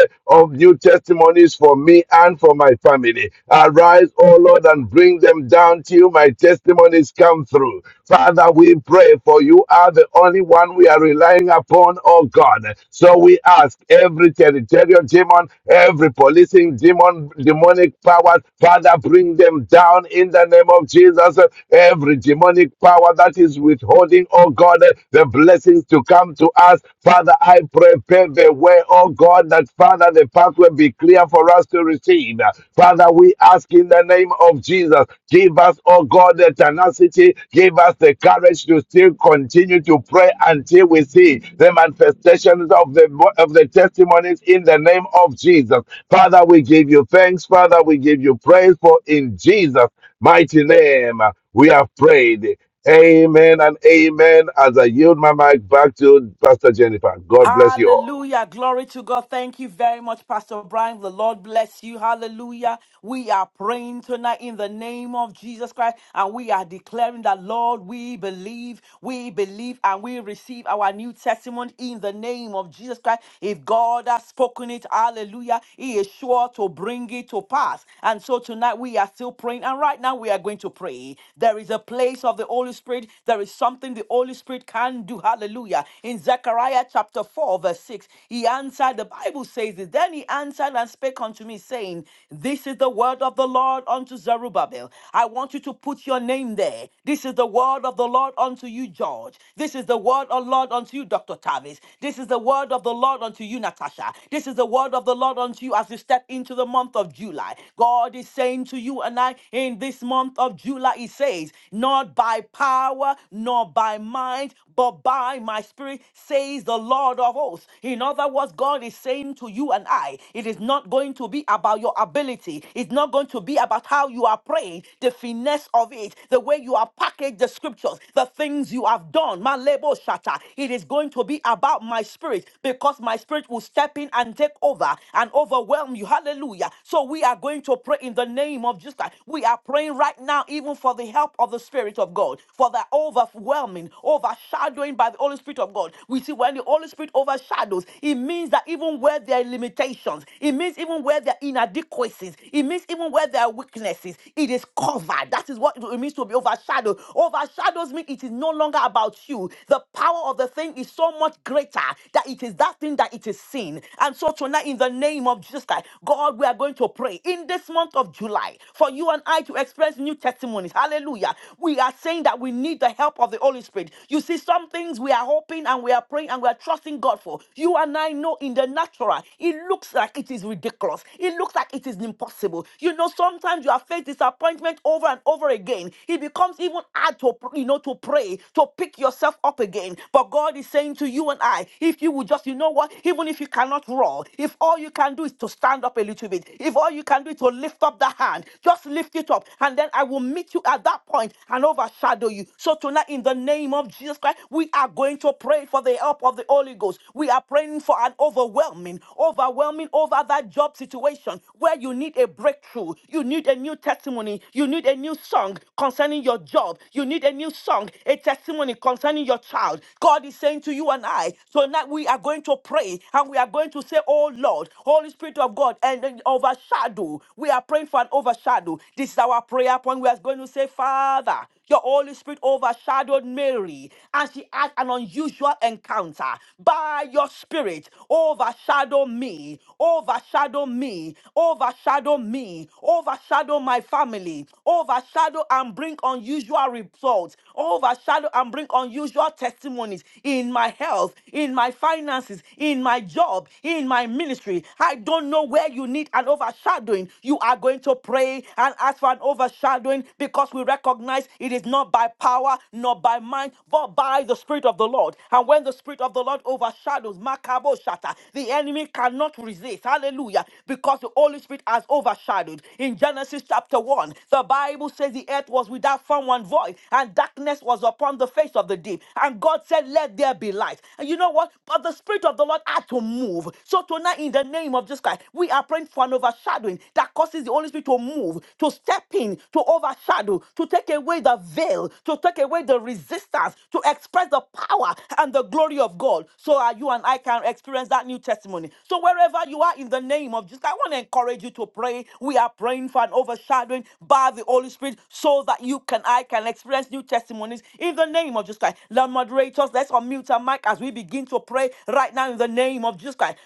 D: new testimonies for me and for my family. Arise, O Lord, and bring them down till my testimonies come through. Father, we pray for you are the only one we are relying upon, O God. So we ask every territorial demon, every policing demon, demonic power, Father, bring them down in the name of Jesus. Every demonic power that that is withholding, oh God, the blessings to come to us. Father, I pray, pave the way, oh God, that Father, the pathway be clear for us to receive. Father, we ask in the name of Jesus, give us, oh God, the tenacity, give us the courage to still continue to pray until we see the manifestations of the of the testimonies in the name of Jesus. Father, we give you thanks, Father, we give you praise for in Jesus' mighty name we have prayed. Amen and amen. As I yield my mic back to Pastor Jennifer, God bless you all.
B: Hallelujah. Glory to God. Thank you very much, Pastor Brian. The Lord bless you. Hallelujah. We are praying tonight in the name of Jesus Christ and we are declaring that, Lord, we believe, we believe, and we receive our new testimony in the name of Jesus Christ. If God has spoken it, hallelujah, He is sure to bring it to pass. And so tonight we are still praying. And right now we are going to pray. There is a place of the Holy Spirit. There is something the Holy Spirit can do. Hallelujah in Zechariah chapter 4, verse 6. He answered, the Bible says this, then he answered and spake unto me, saying, This is the word of the Lord unto Zerubbabel. I want you to put your name there. This is the word of the Lord unto you, George. This is the word of Lord unto you, Dr. Tavis. This is the word of the Lord unto you, Natasha. This is the word of the Lord unto you as you step into the month of July. God is saying to you and I in this month of July, He says, Not by power, nor by might, mind, but by my spirit, says the Lord of hosts. In other words, God is saying to you and I, it is not going to be about your ability. It's not going to be about how you are praying, the finesse of it, the way you are packaged the scriptures, the things you have done. My label shatter. It is going to be about my spirit because my spirit will step in and take over and overwhelm you. Hallelujah. So we are going to pray in the name of Jesus Christ. We are praying right now, even for the help of the Spirit of God, for the overwhelming, overshadowing by the Holy Spirit of God. We see when the Holy Spirit overshadows, it means that even where there are limitations, it means even where there are inadequacies, it means even where there are weaknesses, it is covered. That is what it means to be overshadowed. Overshadows mean it is no longer about you. The power of the thing is so much greater that it is that thing that it is seen. And so tonight, in the name of Jesus Christ, God, we are going to pray in this month of July for you and I to experience new testimonies. Hallelujah we are saying that we need the help of the Holy Spirit. You see, some things we are hoping and we are praying and we are trusting God for. You and I know in the natural, it looks like it is ridiculous. It looks like it is impossible. You know, sometimes you have faced disappointment over and over again. It becomes even hard to, you know, to pray, to pick yourself up again. But God is saying to you and I, if you would just, you know what, even if you cannot roar, if all you can do is to stand up a little bit, if all you can do is to lift up the hand, just lift it up. And then I will meet you at that point and overshadow you. So tonight, in the name of Jesus Christ, we are going to pray for the help of the Holy Ghost. We are praying for an overwhelming, overwhelming over that job situation where you need a breakthrough, you need a new testimony, you need a new song concerning your job, you need a new song, a testimony concerning your child. God is saying to you and I, tonight we are going to pray and we are going to say, Oh Lord, Holy Spirit of God, and and overshadow. We are praying for an overshadow overshadow. This is our prayer point. We are going to say, Father, your Holy Spirit overshadowed Mary and she had an unusual encounter. By your Spirit, overshadow me, overshadow me, overshadow me, overshadow my family, overshadow and bring unusual results, overshadow and bring unusual testimonies in my health, in my finances, in my job, in my ministry. I don't know where you need an overshadowing doing. You are going to pray and ask for an overshadowing because we recognize it is not by power, not by mind, but by the Spirit of the Lord. And when the Spirit of the Lord overshadows, Makabo Shata, the enemy cannot resist. Hallelujah. Because the Holy Spirit has overshadowed. In Genesis chapter 1, the Bible says the earth was without form and void, and darkness was upon the face of the deep. And God said, Let there be light. And you know what? But the Spirit of the Lord had to move. So tonight, in the name of Jesus Christ, we are we are praying for an overshadowing that causes the Holy Spirit to move, to step in, to overshadow, to take away the veil, to take away the resistance, to express the power and the glory of God. So that you and I can experience that new testimony. So wherever you are in the name of Jesus, I want to encourage you to pray. We are praying for an overshadowing by the Holy Spirit so that you can I can experience new testimonies in the name of Jesus Christ. Lord moderators, let's unmute our mic as we begin to pray right now in the name of Jesus Christ.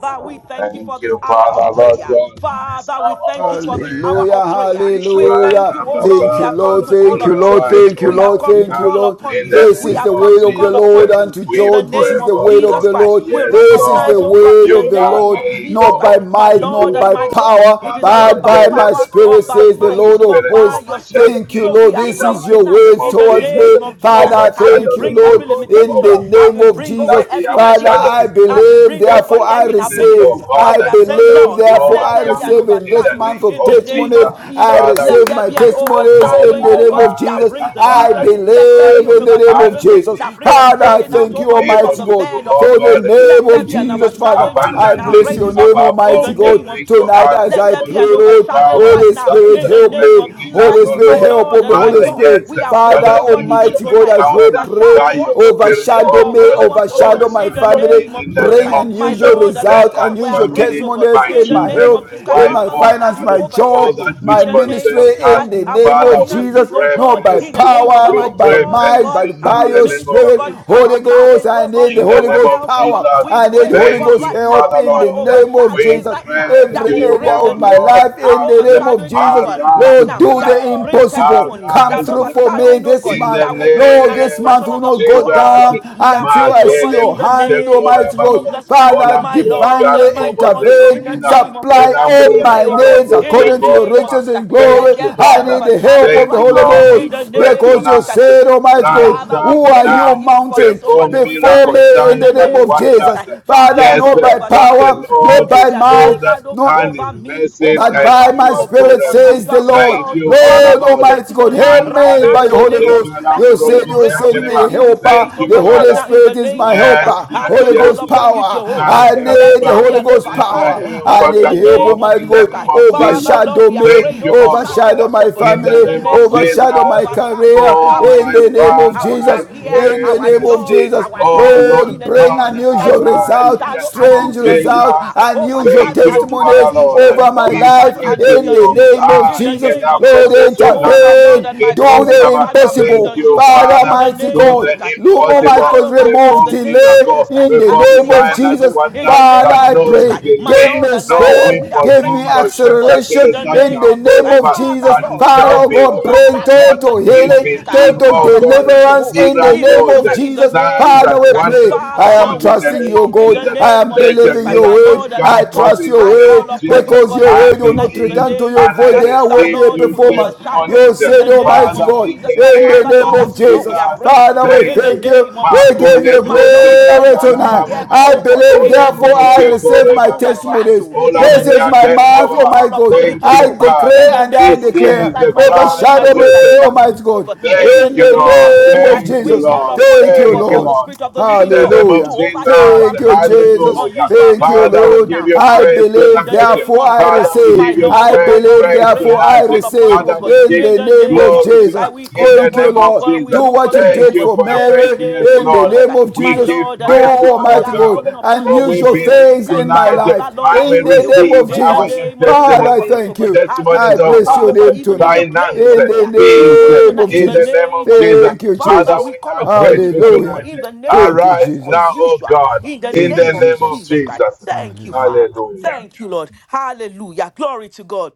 B: Father, we thank you for
D: Thank
B: this
D: you,
B: hour of
D: Father, Lord
B: prayer.
D: God, in this
B: Father, we
D: hour
B: thank
D: of
B: you for this hour
C: Hallelujah,
B: of
D: prayer.
B: prayer.
D: We
B: We
D: cry,
B: thank you,
C: hallelujah.
B: oh
D: Abba
B: God. We
C: Thank you,
B: have
D: Father,
B: come
C: Lord.
B: to
D: that you
B: call
C: Thank
D: will
C: you,
B: upon
C: Lord.
B: you.
D: arise
C: Thank you,
B: We
D: on
B: have
C: Lord.
D: our
B: come to
C: Thank you,
D: behalf
B: call
C: Lord.
B: upon
D: in
B: you.
D: the name
C: This
B: We
C: is the
B: have come
D: of
C: word
B: to
C: of the
B: call
D: Jesus.
C: Lord
B: upon you.
C: unto
D: We
B: In the
C: George. This
D: pray,
B: name
C: is the
B: of
D: oh
C: word of
D: God,
B: Jesus
C: the
B: Christ,
D: that
C: Lord.
B: we
D: yes,
C: This is
D: Lord,
C: the
B: recognize, oh God, in
C: word
B: the
C: of
D: you
C: the
B: name
D: are
C: Lord.
B: of
D: able
B: Jesus
C: Not
B: Christ,
C: by
D: oh
B: my
D: God,
C: might,
D: to
B: Lord
C: not
B: and
D: do
C: by
B: my
D: all
B: God,
C: power,
B: it is
D: Father,
B: not
C: but
D: Lord,
B: by
C: by
D: Lord, let
C: my
D: the
B: power
D: hope
B: or
C: spirit,
D: of
B: by
D: the
C: says the
B: might,
D: Holy
C: Lord of
B: but
D: Spirit
B: by
C: hosts.
B: your spirit.
D: overshadow
C: Thank you,
D: me
B: So we
C: Lord.
B: are
D: in
C: This
D: the
B: praying
C: is your
D: mighty
B: tonight
D: name
C: words
B: in
D: of
B: the
C: towards
D: Jesus.
C: me.
B: name of Jesus Christ,
C: Father,
B: as we
C: thank
D: Overshadow
C: you,
D: me,
B: bring
D: oh
C: Lord.
B: every
D: God, to
C: In the
B: limitation, as
C: name
B: we
D: overcome
C: of
B: bring, oh
C: Jesus.
B: God,
D: like He
B: every
C: Father,
D: overshadowed
C: I
B: inadequacy, as we
D: Mary.
C: believe,
B: bring, oh God,
D: Every
C: therefore I
B: every
D: weakness
C: receive.
B: inability.
D: of all
B: And
C: I
B: we
D: that,
B: are saying,
D: Father,
C: believe,
B: Lord,
D: you
C: therefore
B: let
C: I
B: there be an
D: overcome
C: receive. In
D: in
C: this
D: the
B: overshadowing
C: month
D: name
C: of
B: in the
D: of
B: name
D: Jesus.
C: testimonies,
B: of Jesus.
C: I
D: Father,
B: Let
C: receive
D: we
B: there
C: my
B: be an
D: pray, oh
C: testimonies
D: God,
C: in
B: overshadowing,
C: the
B: oh
C: name
B: God,
C: of
B: that
D: arise,
C: Jesus.
B: brings
C: I
D: arise,
B: deliverance. Let there be
C: believe
B: an
D: arise.
C: in the name of
D: I
B: overshadowing, God,
C: Jesus.
B: that
D: believe
B: brings a
C: Father,
D: that
C: I
B: lifting out,
C: thank
D: you
B: oh
C: you,
D: are
B: God, from
D: able
C: Almighty
B: the
D: to
C: God,
D: do,
B: bed of
D: oh
C: for the
B: sickness.
D: God,
B: Let
C: name
B: there
C: of
B: be an
D: exceedingly
C: Jesus, Father.
B: overshadowing, oh God,
C: I
B: that
C: bless
D: abundantly
C: your
B: raises up,
C: name,
B: up
D: above
B: in
D: all
B: the
C: Almighty
D: we can
C: God.
B: name of
D: drink
B: Jesus
D: for
B: Christ.
C: Tonight,
D: us
C: as
B: Let
C: I
B: there be
C: pray,
D: according
B: an
D: to the
C: Lord,
B: overshadowing
D: power
B: right
C: Holy
B: now
D: that
C: Spirit,
D: is
B: in the
D: at
C: Spirit, help
D: work
B: name
C: me.
B: of
D: within
B: Jesus
D: us,
B: Christ,
C: Holy
D: O
C: Spirit,
B: my
D: Lord.
C: help
B: Lord
C: of the
B: and my
C: Holy
D: Father,
B: God.
C: Spirit.
D: yes,
B: We are
C: Father
B: praying,
D: that
B: oh God, even
D: unusual
C: Almighty God,
B: tonight.
C: as we
D: encounter by
B: Overshadow
C: pray,
B: us,
D: your
B: oh God.
D: spirit,
C: overshadow me,
D: oh
B: Overwhelm
D: God,
B: us, oh God.
C: overshadow my
B: In the
D: overshadow
C: family.
D: me
B: name of
D: in the
B: Jesus
D: name
C: Bring
B: Christ,
D: of
B: my
D: Jesus.
C: unusual
B: Lord and
D: Let
B: my
C: result,
D: my
B: God, we are
C: unusual
B: praying,
D: family,
B: oh God.
C: testimonies
D: my
B: In
C: in
B: the
C: my
B: name
D: children,
B: of
C: health,
B: Jesus
D: my
B: Christ,
C: in
D: wife,
C: my
B: Father,
D: oh
B: Lord, that
C: finance,
B: you
D: God,
C: my
D: all
C: job,
B: overshadow.
D: that
C: my
B: In
D: which
B: the name of
D: concerns
B: Jesus
C: ministry,
D: us,
C: in
B: Christ,
C: the
B: our
C: name
D: Father,
C: of
D: we
C: Jesus.
B: finances, oh
D: pray
C: Not
B: God.
C: by
B: In the
D: mercy.
B: name of
C: power,
B: our
C: not
D: We
C: by
D: pray
B: job, oh
C: might,
B: God.
D: mercy
C: but by
D: in
B: Our
D: the
C: your
D: name
B: ministry,
D: of
B: oh
C: spirit.
B: God.
D: Jesus.
B: Our
C: Holy Ghost,
B: marriage,
C: I
B: oh
C: need
B: God.
D: In
C: the
D: the
C: Holy
B: Our
D: name of
C: Ghost
B: health, oh God.
C: power.
B: We
C: I
D: Jesus,
C: need
B: pray, oh
C: Holy
D: thank
B: God,
C: Ghost
D: you,
B: right
C: help
B: now
D: Father
C: in
B: for an
C: the
D: Lord.
C: name of
D: We
B: overshadowing
C: Jesus.
B: right now
D: pray
B: that
C: Every
D: to
B: will
D: you,
C: area
B: bring
C: of
D: oh
C: my
B: deliverance.
D: Lord
C: life, life
B: An
C: in the
D: God,
C: name of
B: overshadowing, that
C: Jesus.
B: God God, right
D: arise
C: Lord,
B: now
C: do
B: that
D: now,
B: will
C: the
B: bring
C: impossible.
B: testimony,
C: Come
B: that
D: arise
C: through for me
D: now.
B: overshadowing, oh
C: this
B: God,
D: In the
C: month.
B: that will bring
C: Lord,
B: an
C: this
D: name
C: month
B: expression
C: will
B: of the
D: of
C: not go
B: power of
D: Jesus,
B: God.
C: down
B: We are
C: until
B: praying,
C: I
B: oh
C: see
B: God,
D: Magele
C: your
B: in the
C: hand,
B: name of
D: Pustekona
C: Almighty God.
D: Baba,
B: Jesus Christ,
C: Father,
B: my
D: Olambra
B: Lord
C: divinely
B: and
D: Gala
B: my
D: Bobo
B: God, in the
C: intervene.
D: Zekomina,
B: name of Jesus,
C: Supply
B: Christ, we
C: all
D: Olambra
B: pray,
C: my
B: oh God,
D: Gala
C: needs
B: in the
C: according to your
D: Pustekona
B: name of
D: Baba.
C: riches
B: Jesus
C: and
B: Christ, let
C: glory.
D: Thank you,
B: there be
C: I
B: an
C: need
D: Father.
C: the help
B: overshadowing
C: of
D: Thank
C: the
B: right
D: you,
C: Holy
B: now,
D: Lord.
B: in the
D: We
C: Ghost
D: pray
B: name
C: because
B: of
C: you
B: Jesus Christ.
D: tonight.
C: said, Almighty God,
D: Rise
B: Father, we
D: up
C: who are
B: pray, oh
D: now,
C: you,
B: God, even for
C: mountain?
B: this, oh God,
D: perform
B: even
C: Before
B: tonight.
D: miracles,
C: me
B: In
C: in
D: signs,
B: the
C: the name
D: and
B: name
C: of
B: of Jesus
C: Jesus.
D: wonders.
B: Christ, Father,
C: Father,
D: Yes,
C: not
B: Lord,
C: by
D: that
B: overshadow.
D: the
C: power,
B: Let
C: not
D: Lord
B: there
C: by
B: be
D: is
B: an
C: might,
D: good
B: overshadow
C: not
D: and
B: over
D: his
B: me,
D: mercies
B: over
C: but
B: my
C: by
B: family
C: my
D: endure
B: to bring
C: spirit
D: forever.
C: says the
B: unusual
C: Lord,
D: Thank
B: results,
D: you, Father
C: Lord
B: unusual
D: Lord.
C: Almighty God,
B: testimonies
C: help
B: right
C: me
D: Mandare
B: now.
C: by
B: In
C: the
B: the
C: Holy
B: name of
C: Ghost.
B: Jesus
D: kosekala
B: Christ,
C: You
B: we
C: said
D: mbroko
C: you
B: pray and we
C: send me
D: shekelema.
C: a
B: believe you for this,
D: Thank
C: helper.
B: oh
D: you,
C: The
B: God, right
D: Father
C: Holy
B: now. In the
D: Lord.
C: Spirit is
B: name
C: my
B: of Jesus
D: Yes,
B: Christ,
C: helper.
B: as
D: yes,
B: we
C: Holy
D: yes,
B: call
C: Ghost
D: yes.
B: upon you,
C: power.
D: My
B: Jehovah,
C: I
B: let
C: need the
B: there
D: helper,
B: be
C: Holy
B: an
C: Ghost
D: let your
C: power.
B: overshadowing.
C: I
D: helper
B: In
C: need
B: the
D: come
C: help,
D: forth
B: name of
C: Almighty
D: in the
B: Jesus
C: God.
D: name
B: Christ,
D: of Jesus.
B: Father, Lord,
C: Overshadow
B: we are praying
D: Thank
C: me,
D: you, oh
B: overshadow overshadow
D: God,
C: overshadow
B: us, oh
C: my
B: God,
D: in the
B: in
C: family,
B: the
D: name of
B: name of Jesus Christ,
C: overshadow my
D: Jesus.
B: overshadow
C: career
D: Oh,
B: our
C: in
D: my
C: the name
B: children,
C: of
D: Father,
B: our
D: I
C: Jesus
B: career,
C: in
D: pray
C: the
B: our
C: name of
B: job,
C: Jesus.
D: mercy.
B: our
D: Oh,
B: health,
D: Lord
B: in
C: Lord,
B: the
C: bring
B: name
D: God,
B: of Jesus Christ,
C: unusual
D: arise
C: result,
D: in the
B: overshadow
D: name
B: and do
C: strange
D: of
B: the
C: result,
B: unusual,
D: Jesus.
C: unusual
B: overshadow
D: Thank
C: testimony
B: and
D: you,
B: do the
C: testimonies
D: Father Lord.
B: unusual,
C: over my
D: We
C: life
B: overshadow
D: pray
B: and
D: to
B: do
C: in
B: the
C: the
D: you.
B: unusual,
C: name of
D: Ah,
B: in the
D: yeah,
C: Jesus.
B: name
D: that
B: of Jesus
C: Lord,
B: Christ,
D: progress, oh
B: oh
D: God,
B: my
D: I'm
B: Lord
D: gonna
B: and
C: intervene.
B: my
D: get
C: Do
B: God,
D: hold of it,
C: the
D: Mama.
B: overshadow and bring
D: Thank
B: the
C: impossible.
D: you,
B: unusual,
C: Father,
B: in the
D: Father
C: mighty
D: do
B: name of
C: God.
B: Jesus Christ,
D: the
C: Lord, mighty God,
B: overshadow
D: impossible,
B: right now, in
C: remove
B: the
D: perform
B: name of
C: delay
B: Jesus
D: miracle,
B: Christ,
C: in the
B: and
D: perform
B: do the
C: name of
D: sign and
C: Jesus.
B: impossible, in
D: wonder
B: the
C: Father,
D: that
B: name of
C: I
D: no
B: Jesus
C: pray,
B: Christ, my
D: delay,
C: give
B: Lord
C: me
B: and my
D: no
B: God, we
C: speed,
B: are
D: weapon
C: give me
B: praying
D: whom
B: for
D: the
B: this, oh God,
D: shepherd
B: in
C: acceleration
B: the
D: against us
C: in
B: name
D: shall
C: the
B: of Jesus
C: name
B: Christ.
C: of
D: prosper,
C: Jesus.
B: Father,
D: but it
B: Lord,
C: Father,
D: shall
B: that
C: oh
B: you
D: be
C: God,
D: well,
C: bring
D: oh
B: overshadow
D: God.
B: in the
C: total
B: name
D: We
B: of
C: healing,
B: Jesus Christ as
D: believe,
B: we
C: total
D: oh
B: call upon you,
D: God,
C: deliverance
B: Jehovah,
C: in the
B: even
C: name
D: miracles,
C: of
B: tonight in the
C: Jesus.
B: name
D: signs
B: of
D: and
C: Father,
B: Jesus
C: we
B: Christ.
C: pray.
D: wonders, oh
C: I
B: Father,
C: am
D: God,
B: Lord, we
D: in the
C: trusting
B: pray
D: name
C: you,
D: of
B: in
C: God.
B: the
D: Jesus.
C: I
B: name
C: am
B: of
D: Let the
B: Jesus
C: believing
B: Christ,
C: Your
B: my
C: way word.
D: miracles
B: Lord and my
C: I
D: come forth
B: God.
C: trust
D: in the
C: your
B: I
D: name
B: call
D: of
C: word
B: upon you,
D: Jesus.
B: oh
C: because
B: God,
C: your
D: I
B: even
C: word will
B: tonight
C: not
B: in the
D: believe
C: return to
B: name
C: your
B: of
D: and
B: Jesus
D: I
C: void.
B: Christ,
C: There will
B: that
C: be
D: receive
C: a
B: Lord, you will
D: new
C: performance.
B: overshadow
D: testimonies.
C: You
B: in the
C: said,
B: name
C: Almighty
B: of
D: Father,
C: God,
D: in
B: Jesus
D: the
B: Christ.
C: in the
B: Father,
D: name of
C: name
B: Lord, that
C: of
B: is what we
C: Jesus.
B: are
D: Jesus,
B: praying for
C: Father, we
B: in
D: thank
B: the
C: thank
D: you.
C: you.
B: name of
C: We
B: Jesus
C: give
B: Christ.
D: Makole
C: you
B: My my
D: brose
B: Lord and my
C: glory
B: God,
D: kakala
B: let
C: tonight.
D: baba
B: there
D: baba
B: be,
C: I
B: oh
D: baba.
B: God,
C: believe,
B: in
D: Ole
B: the
C: therefore, I
B: name
D: muruge
B: of Jesus,
C: receive
B: that
D: kore.
C: my
D: baba baba.
C: testimonies.
B: overshadow.
D: Ole
B: In the
C: This is
D: ambria
B: name
C: my
B: of Jesus,
D: kele
B: Christ,
C: month,
D: baba
B: we
C: oh my
D: baba.
B: call
C: God.
B: upon you,
D: Thank
C: I
D: you,
B: Jehovah. In
C: declare
D: Father.
B: the
C: and I
B: name
D: This
B: of Jesus
D: is
B: Christ,
C: declare,
D: the
B: my Lord
D: cry
B: and my
D: of
C: overshadow me,
D: your
B: God, that you would do
D: servant.
C: Almighty
B: so.
C: God,
B: But in the
D: Thank
C: in
D: you,
C: the
B: name
D: Lord.
B: of Jesus
C: name of
B: Christ,
D: Thank you,
B: we
C: Jesus.
B: call
D: Lord.
B: upon
C: Thank
B: you, oh
C: you,
B: God,
D: Thank you,
B: for the
C: Lord.
D: Lord.
B: Spirit of the
D: In
B: Living
D: the
B: God
D: name
B: to
D: of
C: Hallelujah.
B: overshadow
C: Thank
B: and
D: Jesus,
B: to
C: you,
B: bring
C: Jesus.
D: hallelujah.
B: unusual
C: Thank you,
B: results
D: Father,
B: right
D: we
C: Lord.
D: give
B: now.
D: you
C: I
B: As we
D: praise
B: pray in
C: believe,
B: the
D: tonight.
B: name
C: therefore
B: of
C: I
B: Jesus Christ,
D: Father, we
C: receive.
B: my
D: give you
B: Lord
C: I
B: and my
D: praise,
B: God,
C: believe,
B: we
D: praise
B: pray
C: therefore
B: as we
C: I
D: tonight.
B: call upon
C: receive.
B: you, oh
D: Father,
B: God.
D: we
C: In
D: give
B: In
C: the
B: the
C: name
B: name
C: of
B: of
D: glory
B: Jesus
C: Jesus.
B: Christ,
D: tonight.
B: we call
D: In
B: call
D: the
C: Thank you,
B: upon
D: name
B: you, O
D: of
C: Lord.
B: God, and we
D: Jesus,
C: Do
B: look
C: what you
B: unto you, O
D: thank
C: did
D: you
C: for
B: God.
D: for your
B: In the
C: Mary.
D: faithfulness,
B: name
C: In
B: of
C: the
D: Lord.
B: Jesus
C: name
B: Christ,
C: of
B: my
D: We
C: Jesus.
D: give
B: Lord
C: Do,
B: and
D: praise
B: my
D: to
B: God, we
D: our
C: Almighty
B: are
D: God,
C: God,
B: calling upon you
D: for
B: in the
D: we
C: unusual
B: name of
D: believe
B: Jesus
C: things
B: Christ.
C: in my
D: tonight
C: life.
B: Father, Lord,
D: and
B: I
D: we
C: In the
B: pray, O
C: name
B: God,
D: receive
C: of
B: in the
D: our
C: Jesus.
D: new
B: name of Jesus
C: Father,
B: Christ
C: I
B: for
D: testimony
B: this, O
C: thank
B: God,
C: you.
B: as we
C: I
D: testimonies
B: call
D: of
C: bless
B: upon you,
C: your
B: O
D: us,
B: God,
C: name
B: even in the
C: tonight.
B: place
D: finances,
B: of
C: In
B: prayer,
D: peace,
B: even
C: the name
B: tonight,
C: of
B: in
D: in
B: the
D: the
C: Jesus.
D: name
B: name
D: of
B: of Jesus
D: Jesus.
B: Christ.
C: Thank you,
D: Father,
B: Father,
C: Jesus.
B: we
D: we
B: call
D: are
B: upon you, we
D: grateful
B: thank you, O God,
D: tonight.
C: Hallelujah.
B: in the name of
C: Thank you,
B: Jesus Christ,
D: Arise
B: for
D: now,
C: Jesus.
D: O
B: unusual,
D: God,
B: in the
D: in
C: Thank you,
D: the
B: name of
D: name of
C: Jesus.
B: Jesus Christ.
D: Jesus.
B: Thank you,
C: Hallelujah.
B: Father.
D: Hallelujah.
B: Thank you, Lord. Hallelujah. Glory to God.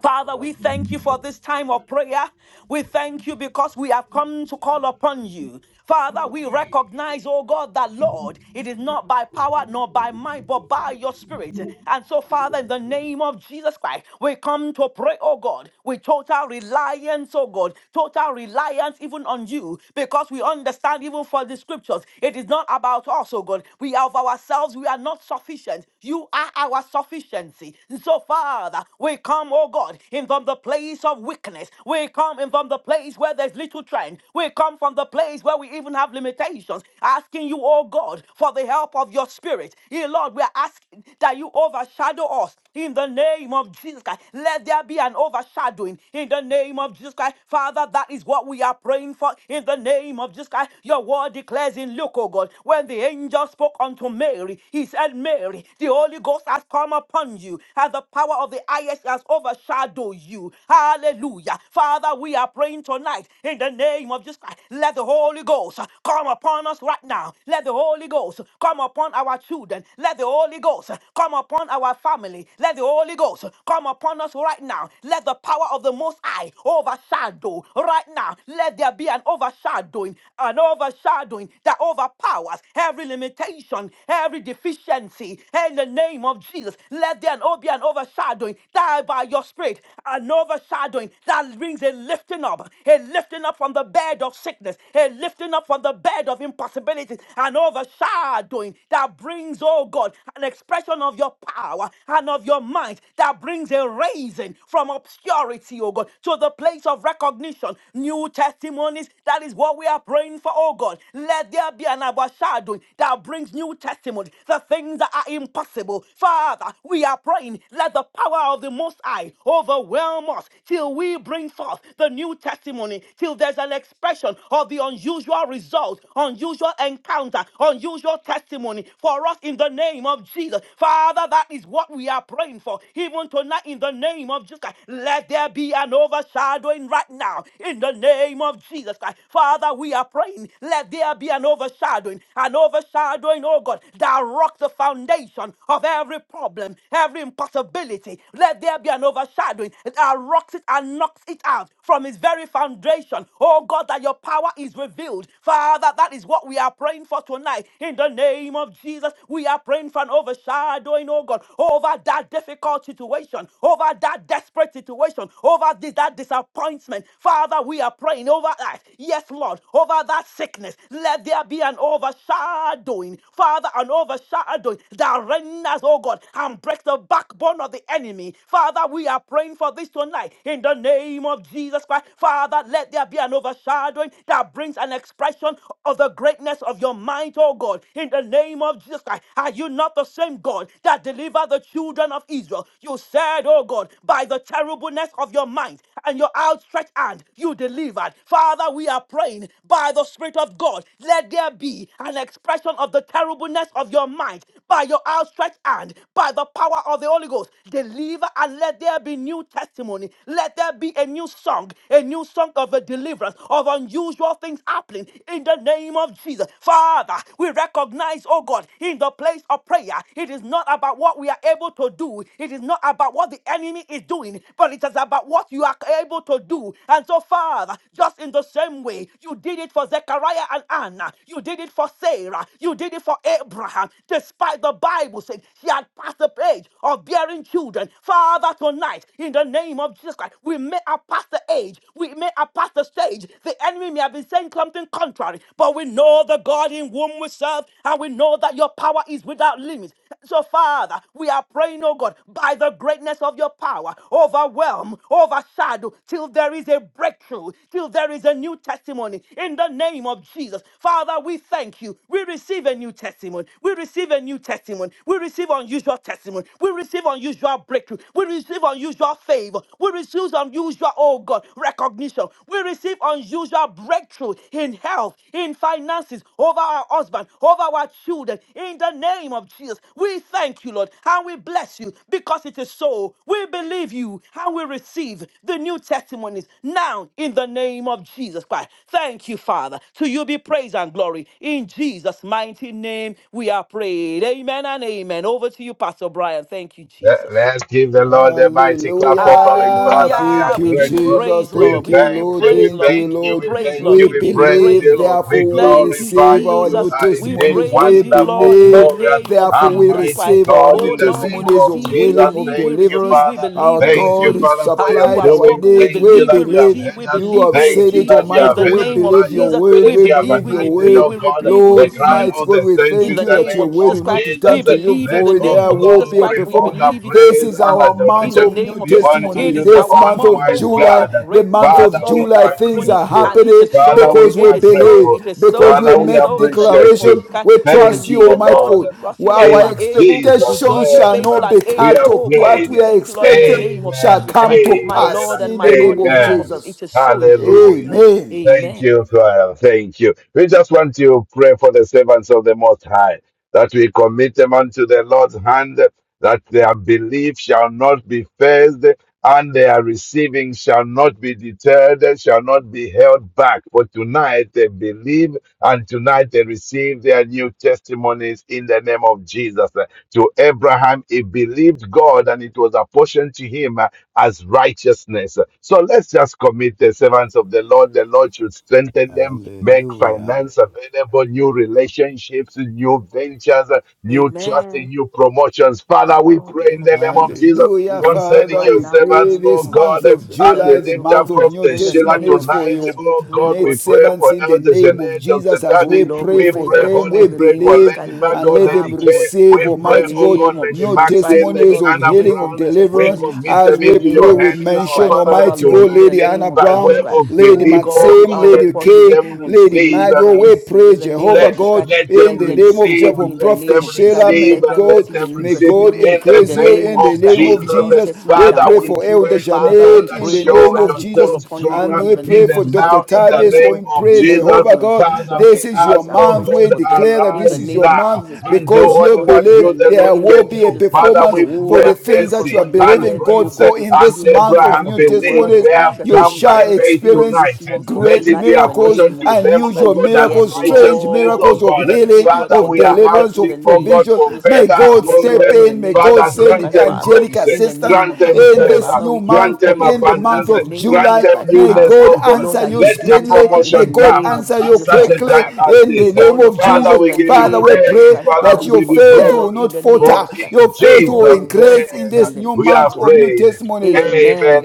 B: Father, we thank you for this time of prayer. We thank you because we have come to call upon you. Father, we recognize, oh God, that Lord, it is not by power nor by might, but by your spirit. And so, Father, in the name of Jesus Christ, we come to pray, oh God, with total reliance, oh God, total reliance even on you, because we understand even for the scriptures, it is not about us, oh God. We are of ourselves, we are not sufficient. You are our sufficiency. And so, Father, we come, oh God, in from the place of weakness. We come in from the place where there's little strength. We come from the place where we even have limitations. Asking you, oh God, for the help of your spirit. Dear Lord, we are asking that you overshadow us in the name of Jesus Christ. Let there be an overshadowing in the name of Jesus Christ. Father, that is what we are praying for in the name of Jesus Christ. Your word declares in Luke, oh God, when the angel spoke unto Mary, he said, Mary, the Holy Ghost has come upon you, and the power of the highest has overshadowed overshadow you. Hallelujah. Father, we are praying tonight in the name of Jesus Christ. Let the Holy Ghost uh, come upon us right now. Let the Holy Ghost come upon our children. Let the Holy Ghost uh, come upon our family. Let the Holy Ghost uh, come upon us right now. Let the power of the Most High overshadow right now. Let there be an overshadowing, an overshadowing that overpowers every limitation, every deficiency. In the name of Jesus, let there be an overshadowing that by your spirit, an overshadowing that brings a lifting up, a lifting up from the bed of sickness, a lifting up from the bed of impossibilities, an overshadowing that brings, oh God, an expression of your power and of your might that brings a raising from obscurity, oh God, to the place of recognition, new testimonies. That is what we are praying for, oh God. Let there be an overshadowing that brings new testimonies, the things that are impossible. Father, we are praying, let the power of the Most most High overwhelm us till we bring forth the new testimony, till there's an expression of the unusual result, unusual encounter, unusual testimony for us in the name of Jesus. Father, that is what we are praying for. Even tonight, in the name of Jesus Christ, let there be an overshadowing right now in the name of Jesus Christ. Father, we are praying, let there be an overshadowing, an overshadowing, oh God, that rocks the foundation of every problem, every impossibility. Let there there be an overshadowing that rocks it and knocks it out from its very foundation. Oh God, that your power is revealed. Father, that is what we are praying for tonight. In the name of Jesus, we are praying for an overshadowing, oh God, over that difficult situation, over that desperate situation, over this, that disappointment. Father, we are praying over that. Yes, Lord, over that sickness. Let there be an overshadowing. Father, an overshadowing that renders, oh God, and breaks the backbone of the enemy. Father, we are praying for this tonight in the name of Jesus Christ. Father, let there be an overshadowing that brings an expression of the greatness of your might, oh God, in the name of Jesus Christ. Are you not the same God that delivered the children of Israel? You said, oh God, by the terribleness of your might and your outstretched hand, you delivered. Father, we are praying by the Spirit of God. Let there be an expression of the terribleness of your might by your outstretched hand, by the power of the Holy Ghost. Deliver favor and let there be new testimony. Let there be a new song, a new song of a deliverance, of unusual things happening in the name of Jesus. Father, we recognize, oh God, in the place of prayer, it is not about what we are able to do, it is not about what the enemy is doing, but it is about what you are able to do. And so, Father, just in the same way you did it for Zechariah and Anna, you did it for Sarah, you did it for Abraham, despite the Bible saying she had passed the age of bearing children. Father, tonight, in the name of Jesus Christ, we may have passed the age, we may have passed the stage. The enemy may have been saying something contrary, but we know the God in whom we serve, and we know that your power is without limits. So, Father, we are praying, oh God, by the greatness of your power, overwhelm, overshadow, till there is a breakthrough, till there is a new testimony. In the name of Jesus, Father, we thank you. We receive a new testimony. We receive a new testimony. We receive unusual testimony. We receive unusual breakthrough breakthrough. We receive unusual favor. We receive unusual, oh God, recognition. We receive unusual breakthrough in health, in finances, over our husband, over our children. In the name of Jesus, we thank you, Lord, and we bless you because it is so. We believe you and we receive the new testimonies now in the name of Jesus Christ. Thank you, Father. To you be praise and glory. In Jesus' mighty name, we are prayed. Amen and amen. Over to you, Pastor Brian. Thank you,
D: Let-
B: Jesus.
D: Let's give the Lord a mighty clap offering.
C: Hallelujah.
D: Father, we are
B: Hallelujah.
C: Thank
B: We
C: you,
B: give you
D: grateful.
C: Jesus.
B: praise,
D: We
B: Lord.
C: Thank
B: We
C: you,
B: give you
D: thank
C: Lord.
D: you,
B: praise,
D: we
C: Thank
B: Lord. We
C: you,
D: thank
B: give you
D: you,
C: Lord.
D: we
B: praise,
D: thank
B: Lord.
C: We
D: you,
B: We
D: we
B: give you
D: praise
B: praise,
C: believe,
D: you,
B: Lord.
D: we
C: therefore, we
B: Thank you,
D: glorify
C: receive
D: you.
C: our
D: You
C: new
B: Jesus.
D: are
B: We
D: indeed
C: testimonies.
B: praise
C: We
B: you,
D: wonderful,
B: Lord, in the
C: believe,
D: glorious,
B: name of
C: therefore,
D: and
C: we
B: Jesus
D: mighty
B: Christ.
C: receive our
D: God.
C: new
B: Oh
D: In the
B: Lord,
D: name
B: we
C: testimonies
D: of
C: of
B: receive, we
D: Jesus,
C: healing, of
B: believe, we
D: thank you,
B: receive,
C: deliverance.
B: we
D: Father.
B: believe,
C: Our
B: we
D: Thank you,
C: God
B: receive.
C: is
D: Father, for
B: As
D: your
B: you
C: supplied
B: have
C: our
D: doing.
B: spoken, we
C: needs.
D: Thank
C: We
D: you
B: believe, we
D: that you
C: believe.
D: have
B: receive, we
D: heard us.
C: You
B: believe,
C: have
B: we
D: Thank
C: said
D: you
C: it,
B: receive.
D: that you
C: Almighty
B: In
D: have
C: God.
B: the
D: heard
C: We
D: us
B: name of
D: by
C: believe
D: your
C: your
B: Jesus,
C: word.
B: we
D: spirit.
C: We
D: You
B: believe,
D: have
C: believe
B: we
C: your
D: enacted,
B: agree,
D: oh
C: word.
B: we
D: God,
B: believe, we
D: the
C: Lord,
D: cry
B: receive
C: mighty
D: of
C: God,
D: the
C: we
D: saints
B: in
C: thank
D: in
B: the
C: you
D: the
C: that
B: name
C: your
D: name
B: of
C: word
D: of
B: Jesus
C: will
B: Christ.
C: not
B: We
C: return
D: Jesus.
C: to you
B: believe in
D: Let
B: the
C: void.
D: all
B: name
C: There
B: of
C: will
B: Jesus
C: be a
B: Christ.
D: glory,
B: We
C: performance.
D: honor,
B: believe it
C: This
D: praise,
C: is
D: and
C: our
B: in
C: month
B: the
D: adoration
C: of new
B: name of
D: be
B: Jesus.
D: unto
B: It
C: testimonies.
D: you,
B: is
D: the
C: This
B: our
C: month
D: only
B: month,
C: of
B: oh
D: wise
B: God,
D: God.
C: July,
B: of
C: the
B: break.
C: month
B: Yes,
D: Father,
C: of
B: Lord,
D: we
B: of
C: July,
D: are
C: things
B: testimony.
C: are
D: grateful.
B: And it is
C: happening
D: Father,
B: so,
D: we
C: because
B: it
C: we
D: are
B: is so,
C: believe,
D: grateful.
B: it is so,
C: because we
D: Father,
B: it is
D: we
C: make
B: so in the
D: appreciate
B: name of
D: you.
C: declaration.
B: Jesus. Christ.
C: We
B: We
C: trust
D: Thank
C: you,
B: believe it,
D: you,
C: Almighty
B: Lord.
D: Lord.
B: We
C: God.
B: trust you, Lord. You
C: Our
B: are
D: In
B: able. We
D: Jesus'
B: judge
C: expectations
B: you
C: shall
D: name,
B: faithful
C: not
B: and
C: be
D: we
B: able.
C: cut
D: have
B: Oh
C: off.
B: God,
C: What
B: we
D: prayed.
C: we are
B: thank you, Lord, in the
C: expecting
B: name of
C: shall
D: Amen,
B: Jesus
C: come
B: Christ.
C: to
B: My
D: amen,
C: pass
B: Lord
D: and
B: and
C: in
B: my
C: the
B: God,
C: name
B: in the
C: of
D: amen.
B: name of Jesus. It
C: Jesus.
B: is so in Jesus'
D: Hallelujah.
B: name.
C: Amen.
D: Thank
B: Amen.
D: you, Father. Thank you. We just want to pray for the servants of the Most High, that we commit them unto the Lord's hand, that their belief shall not be phased, and their receiving shall not be deterred, shall not be held back. For tonight they believe and tonight they receive their new testimonies in the name of Jesus. Uh, To Abraham, he believed God and it was apportioned to him uh, as righteousness. So let's just commit the servants of the Lord. The Lord should strengthen them, make
C: Hallelujah.
D: finance available, new relationships, new ventures, uh, new trust,
B: Amen.
D: and new promotions. Father,
B: Father,
D: we
B: in the
D: pray
B: name
D: in
B: of
D: the name of
B: Jesus,
D: Jesus
B: we
C: Hallelujah,
B: lift up
D: concerning
C: Father.
B: right
D: your
C: We
B: now in the
C: pray
D: servants,
B: name
D: oh
C: this
B: of
D: God,
C: month
B: Jesus,
C: of
B: the
D: as we
C: July, the
B: servants, oh
D: lift
C: month
D: up
B: God.
C: of new
D: Prophet
B: In the
D: Sheila
B: name
C: testimonies
B: of
C: for
D: tonight,
B: Jesus,
C: your
B: we
D: oh
B: pray, oh
D: God,
C: maid
D: we
B: God.
D: pray
C: servants
D: for
C: in the
D: Elder
C: name of
D: Jeanette, Dr.
C: Jesus. As
B: Oh
C: we
D: Tadi.
B: Lord, we
C: pray
D: We
B: pray
C: for
D: pray,
B: for
C: them,
B: them all
D: Holy
C: we
B: in the
D: Spirit,
B: name of
D: for
B: Jesus
C: believe
B: Christ.
D: Lady
B: Let
C: and
D: Margot,
B: them
C: let them
D: Lady
B: have, oh
D: Kay.
B: God,
C: receive,
D: We
B: in the
D: pray,
C: Almighty
D: oh
C: God,
D: God,
B: name of
D: Lady
C: new
B: Jesus Christ.
D: Maxine,
B: Oh
D: Lady
C: testimonies
B: Lord, we
C: of
D: Anna
B: pray
C: healing,
B: for
C: of
D: Brown.
B: new
D: We
C: deliverance.
B: testimonies
D: commit
C: As
D: them
B: in the
C: we
D: into
B: name
C: pray,
D: your
B: of
C: we
D: hands,
B: Jesus
D: our
C: mention,
B: Christ.
D: Father,
B: Father,
D: that
C: Almighty
B: Lord,
C: God,
B: in the
C: Lady
D: tonight,
B: name
C: Anna
B: of
D: by
B: Jesus
D: way
C: Brown,
B: Christ.
D: of
C: Lady
B: Oh
D: belief,
B: God,
D: oh
B: we
C: Maxime,
D: God,
B: are
D: and
C: Lady
B: upon you in
D: let
B: the
C: Kay,
D: them
B: name of Jesus. We
C: Lady
D: receive.
B: believe
C: Margot.
B: and
D: mm,
C: We
B: receive
C: pray,
B: in the name of
C: Jehovah
D: let,
B: Jesus
C: God,
B: Christ.
D: let them
C: in
B: Let
C: the
B: them
C: name
B: see
C: of
B: your
D: receive,
B: God.
C: Jesus prayer for
B: in the
D: let
C: Prophet
B: name
D: them
B: of Jesus Christ.
C: Sheila. May
D: receive,
B: Let
D: and
B: them
D: let
C: God,
B: receive a
D: them
B: new
C: may
D: receive in
C: God
B: testimony in
D: the
C: increase
B: the
C: you
D: name
B: name
C: in
B: of
C: the
B: Jesus
D: of
B: Christ.
C: name of
B: Unusual
D: Jesus.
C: Jesus.
B: testimonies
C: We
D: Father,
B: and
C: pray
D: we
C: for
B: breakthrough.
D: pray,
C: Elder
D: oh
B: Father,
D: God,
B: we
C: Janet
D: that
C: in
B: pray
C: the
B: for this
D: show
C: name
B: as
C: of
B: we call
C: Jesus.
D: yourself
B: upon you, oh God,
C: And
D: stronger
B: in
C: we
B: the
C: pray
B: name of
C: for
D: even
B: Jesus Christ.
C: Dr.
B: Even
D: now
B: for
D: in the
B: them,
C: Tavis.
B: oh God
C: Oh,
D: name
C: in
D: of
C: pray,
B: let there
D: Jesus.
B: be
C: Jehovah God,
B: unusual
D: Father,
C: this
D: we
C: is your
B: testimonies
D: ask,
B: and
D: oh
C: month.
B: breakthrough
C: We
B: for
D: God,
B: them
C: declare that
B: in the
C: this
D: arise
C: is your
B: name of
D: now
C: month
B: Jesus. We
D: and do
B: call
C: because you
D: only
B: upon you
D: what
B: in the
D: you,
C: believe
D: the Lord,
C: there
B: name
C: will
D: can
B: of
C: be a
D: do.
B: Jesus Christ.
D: Father,
C: performance
D: we
C: for
D: pray
C: the
B: Jehovah, we
C: things
B: call
C: that you
D: mercy
C: are
B: upon, let
D: and
B: there
C: believing
B: be, oh
C: God
D: grace.
B: God,
C: for
B: a
C: in
D: And
C: this
B: fulfillment,
C: month
B: oh God,
C: of
D: Abraham
C: new
B: of your word,
D: believed
C: testimonies.
D: they
B: of new
D: have
C: You
D: come
B: testimony for
D: by
C: shall
B: them,
D: faith
B: even in
C: experience
B: this
D: tonight.
B: month of
D: Let
C: great
B: July,
D: it be
B: in
D: a
B: the
C: miracles,
D: portion
B: name of
D: to them,
B: Jesus
D: oh
B: Christ.
C: unusual
D: oh God, that's
B: Yes,
C: miracles, strange
D: righteousness,
B: Lord,
D: oh
B: we
C: miracles of
D: God.
B: believe you,
C: healing,
B: oh God,
D: Father,
B: for
C: of
D: we
B: them,
D: are
B: oh God,
C: deliverance,
B: in
D: asking,
B: the
C: of
D: oh
B: name
D: God,
B: of
C: provision.
D: for
B: Jesus
C: May
B: Christ.
D: favor
C: God
B: Yes,
D: upon
B: Lord,
C: step
D: them.
B: in the
C: in. May
B: name of
C: God
D: Father,
B: Jesus
C: send
D: grant
B: Christ,
D: them
B: Father.
C: angelic
D: grace, eh,
B: In the
C: assistance
B: name
D: grant
B: of
D: them
B: Jesus
C: in
B: Christ,
D: favor,
C: this
B: Father,
C: new
B: we call
D: grant
C: month,
B: upon
D: them
B: you,
C: in
B: God,
C: the
B: in
C: month
D: abundance,
B: the
D: eh,
C: of
B: name of
D: grant
C: July.
B: Jesus
D: them
B: Christ,
C: May
D: newness,
B: Father.
C: God
D: oh God.
B: Lord,
C: answer
B: that you
C: you
D: Let
B: would do
D: your
B: this, oh
C: speedily.
B: God, in the
C: May
D: promotion
C: God
D: come
B: name of
C: answer
D: at
C: you
B: Jesus
D: such a
B: Christ,
C: quickly
D: time
B: Father.
D: as
C: in
B: We
D: this.
C: the
D: eh.
C: name
B: call
C: of
B: upon you
D: Father,
C: Jesus.
B: in
D: we
B: the
D: give you
C: Father,
B: name
C: we
B: of Jesus
C: pray
D: praise.
B: Christ,
D: Father,
B: Father.
C: that
D: we
B: We
C: your
D: give
B: call
D: you
B: upon
C: faith
B: you, Lord,
C: will
D: glory.
B: in
C: not
B: the name
D: For
B: of
C: falter.
B: Jesus Christ.
D: in
C: Your
B: And
C: faith
D: Jesus'
B: Lord,
C: will
B: your word
C: increase in
D: name
B: concern
C: this
B: them
C: new
B: in
D: we are
C: month
B: Jesus'
C: of new
B: name.
D: prayed.
C: testimonies.
D: Amen and
B: Amen.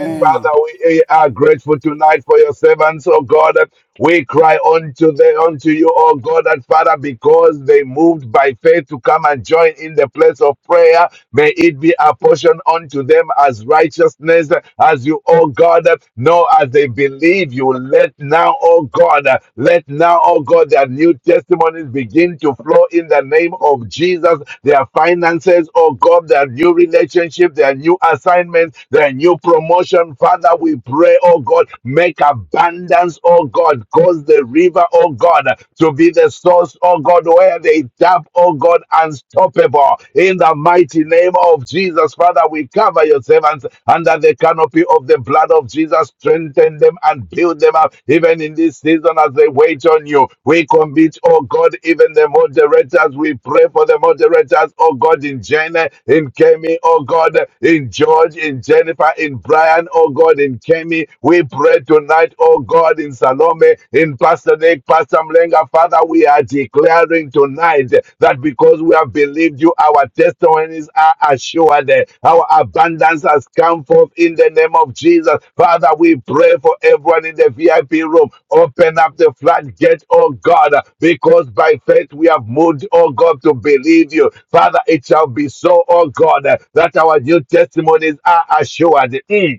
D: amen. Father, we are grateful tonight for your servants, oh God. We cry unto the unto you, oh God, and Father, because they moved by faith to come and join in the place of prayer. May it be a portion unto them as righteousness, as you, oh God, know as they believe you. Let now, oh God, uh, let now, oh God, their new testimonies begin to flow in the name of Jesus. Their finances, oh God, their new relationship, their new assignment, their new promotion. Father, we pray, oh God, make abundance, oh God, cause the river, oh God, to be the source, oh God, where they tap, oh God, unstoppable. In the mighty name of Jesus. Jesus. Father, we cover your servants under the canopy of the blood of Jesus. Strengthen them and build them up, even in this season as they wait on you. We commit, oh God, even the moderators. We pray for the moderators, oh God, in Jenna, in Kemi, oh God, in George, in Jennifer, in Brian, oh God, in Kemi. We pray tonight, oh God, in Salome, in Pastor Nick, Pastor Mlenga, Father. Father, we are declaring tonight that because we have believed you, our testimonies are assured. Our abundance has come forth in the name of Jesus. Father, we pray for everyone in the VIP room. Open up the floodgate, oh God, because by faith we have moved, oh God, to believe you. Father, it shall be so, oh God, that our new testimonies are assured. Mm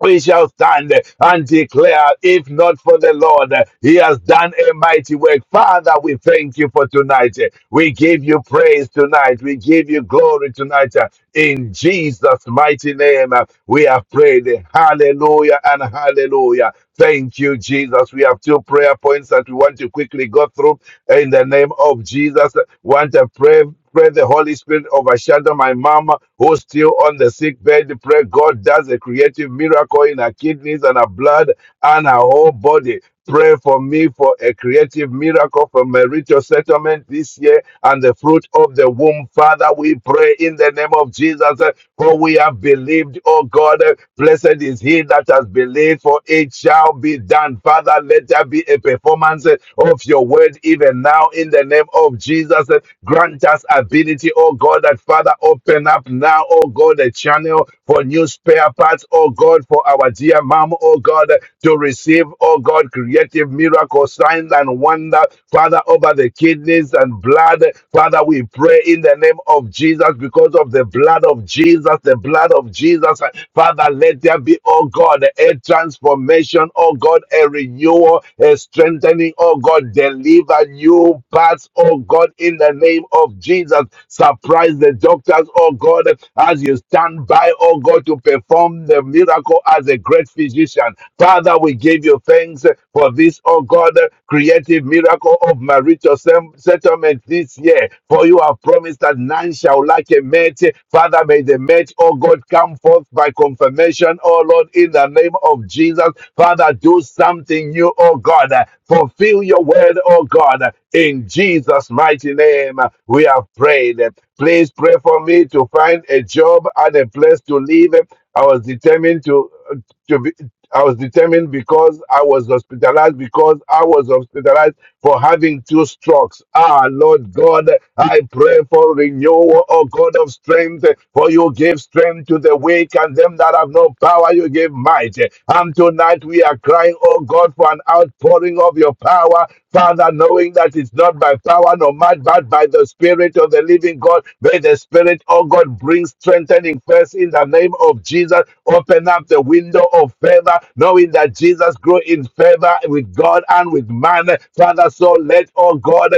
D: we shall stand and declare, if not for the Lord, He has done a mighty work. Father, we thank you for tonight. We give you praise tonight. We give you glory tonight. In Jesus' mighty name, we have prayed. Hallelujah and hallelujah. Thank you, Jesus. We have two prayer points that we want to quickly go through in the name of Jesus. Want to pray. Pray the Holy Spirit overshadow my mama who's still on the sick bed. Pray God does a creative miracle in her kidneys and her blood and her whole body. Pray for me for a creative miracle for marital settlement this year and the fruit of the womb. Father, we pray in the name of Jesus, eh, for we have believed, oh God. eh, Blessed is he that has believed, for it shall be done. Father, let there be a performance. eh, of your word even now in the name of Jesus. Grant us ability, oh God, that Father, open up now, oh God, a channel for new spare parts, oh God, for our dear mom, oh God, to receive, oh God, creative miracle signs and wonder, Father, over the kidneys and blood. Father, we pray in the name of Jesus because of the blood of Jesus, the blood of Jesus. Jesus. Father, let there be, oh God, a transformation, oh God, a renewal, a strengthening, oh God, deliver new paths, oh God, in the name of Jesus. Surprise the doctors, oh God, as you stand by, oh God, to perform the miracle as a great physician. Father, we give you thanks for this, oh God, creative miracle of marital sex them settlement this year. For you have promised that none shall lack a mate. Father, may the mate, oh God, come forth by confirmation, oh Lord, in the name of Jesus. Father, do something new, oh God. Fulfill your word, oh God. In Jesus' mighty name, we have prayed. Please pray for me to find a job and a place to live. I was determined to to be, I was determined because I was hospitalized, because I was hospitalized for having two strokes. Ah, Lord God, I pray for renewal, oh God of strength, for you give strength to the weak and them that have no power, you give might. And tonight we are crying, oh God, for an outpouring outpouring of your power, Father, knowing that it's not by power nor might, but by the Spirit of the living God. May the Spirit, oh God, bring strengthening first in the name of Jesus. Open up the window of favor, knowing that Jesus grew in favor with God and with man. Father, so let, oh God,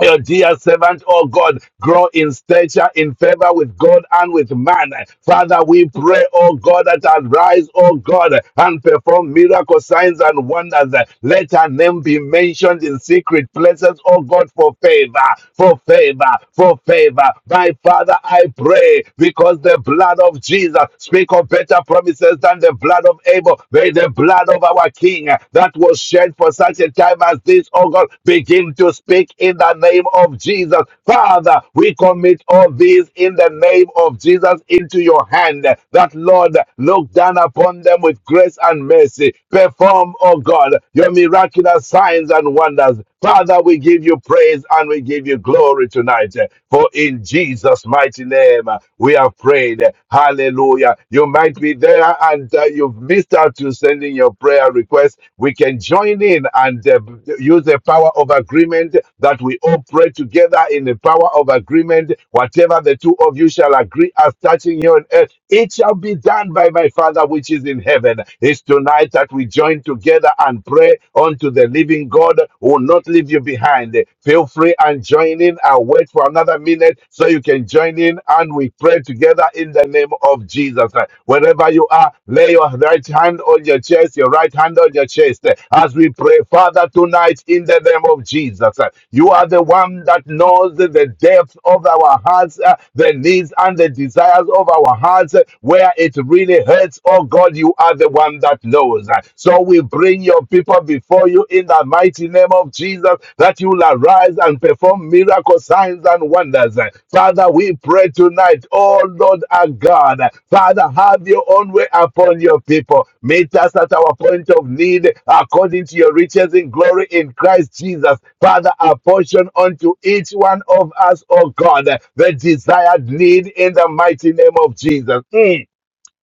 D: your dear servant, oh God, grow in stature, in favor with God and with man. Father, we pray, oh God, that arise, oh God, and perform miracle signs and wonders. Let her name be mentioned in secret places, oh God, for favor, for favor, for favor. My Father, I pray because the blood of Jesus speak of better promises than the blood of Abel. May the blood of our King anointing uh, that was shed for such a time as this, oh God, begin to speak in the name of Jesus. Father, we commit all these in the name of Jesus into your hand, uh, that Lord, look down upon them with grace and mercy. Perform, oh God, your miraculous signs and wonders. Father, we give you praise and we give you glory tonight. uh, For in Jesus' mighty name, uh, we have prayed. Hallelujah. You might be there and uh, you've missed out to sending your prayer request. We can join in and uh, use the power of agreement that we all pray together in the power of agreement. Whatever the two of you shall agree as touching here on earth, it shall be done by my Father which is in heaven. It's tonight that we join together and pray unto the living God who will not leave you behind. Feel free and join meaning and wait for another minute so you can join in and we pray together in the name of Jesus. Christ. Wherever you are, lay your right hand on your chest, your right hand on your chest eh, as we pray, Father, tonight in the name of Jesus. eh, You are the one that knows the the depth of our hearts, uh, the needs and the desires of our hearts, uh, where it really hurts. Oh God, you are the one that knows. eh. So we bring your people people before you in the mighty name of Jesus, that you will arise and perform miracle signs and wonders. Father, we pray tonight, oh Lord our God, Father, have your own way upon your people. Meet us at our point of need according to your riches in glory in Christ Jesus. Father, apportion unto each one of us, oh God, the desired need in the mighty name of Jesus. Mm.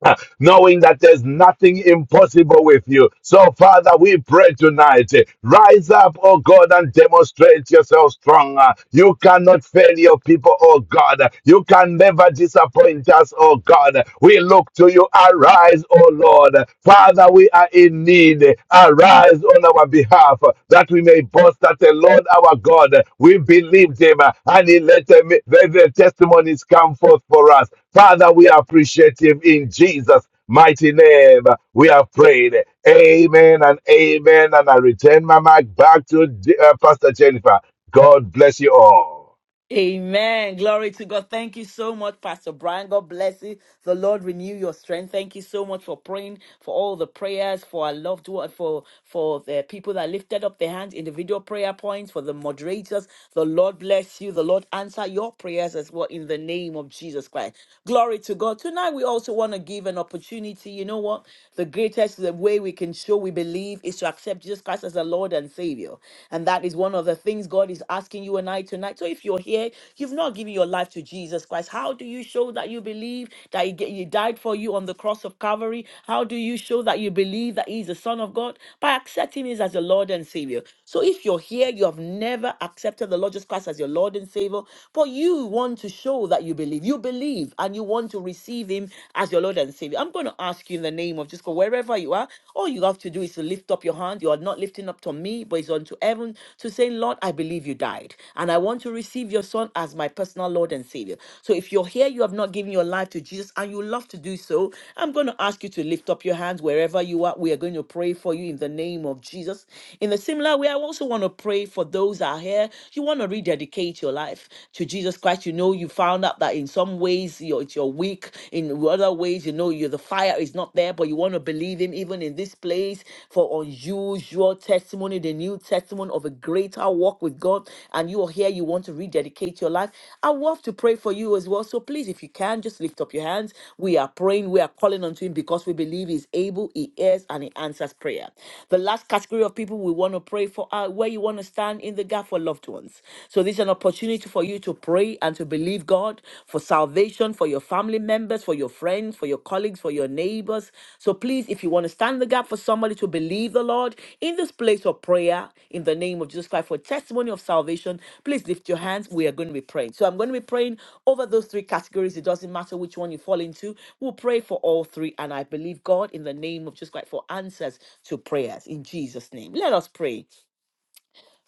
D: knowing that there's nothing impossible with you. So, Father, we pray tonight. eh, Rise up, oh God, and demonstrate yourself strong. Uh, You cannot fail your people, oh God. You can never disappoint us, oh God. We look to you. Arise, oh Lord. Father, we are in need. Arise on our behalf uh, that we may boast that the Lord our God, we believed him uh, and he let the, the the testimonies come forth for us. Father, we appreciate appreciative in Jesus' mighty name. We have prayed. Amen and amen. And I return my mic back to uh, Pastor Jennifer. God bless you all.
B: Amen. Glory to God. Thank you so much, Pastor Brian. God bless you. The Lord renew your strength. Thank you so much for praying for all the prayers for our loved one, for for the people that lifted up their hands, individual prayer points, for the moderators. The Lord bless you. The Lord answer your prayers as well in the name of Jesus Christ. Glory to God. Tonight we also want to give an opportunity. You know what? The greatest the way we can show we believe is to accept Jesus Christ as the Lord and Savior. And that is one of the things God is asking you and I tonight. So if you're here, you've not given your life to Jesus Christ, how do you show that you believe that He ga- He died for you on the cross of Calvary? How do you show that you believe that He is the Son of God? By accepting Him as the Lord and Savior. So if you're here, you have never accepted the Lord Jesus Christ as your Lord and Savior, but you want to show that you believe. You believe and you want to receive. Him receive him as your Lord and Savior. I'm going to ask you in the name of just go wherever you are. All you have to do is to lift up your hand. You are not lifting up to me, but it's unto heaven to say, Lord, I believe you died. And I want to receive your son as my personal Lord and Savior. So if you're here, you have not given your life to Jesus and you love to do so, I'm going to ask you to lift up your hands wherever you are. We are going to pray for you in the name of Jesus. In a similar way, I also want to pray for those that are here. You want to rededicate your life to Jesus Christ. You know you you found out that in some ways you're, it's are weak, in other ways, you know, you the fire is not there, but you want to believe in even in this place for unusual testimony, the new testimony of a greater walk with God, and you are here, you want to rededicate your life. I love to pray for you as well. So please, if you can, just lift up your hands. We are praying, we are calling unto Him because we believe He's able, He hears, and He answers prayer. The last category of people we want to pray for are where you want to stand in the gap for loved ones. So this is an opportunity for you to pray and to believe God for salvation for your family members, for your friends, for your colleagues, for your neighbors. So please, if you want to stand the gap for somebody to believe the Lord in this place of prayer in the name of Jesus Christ for testimony of salvation, please lift your hands. We are going to be praying. So I'm going to be praying over those three categories. It doesn't matter which one you fall into. We'll pray for all three. And I believe God in the name of Jesus Christ for answers to prayers in Jesus' name. Let us pray.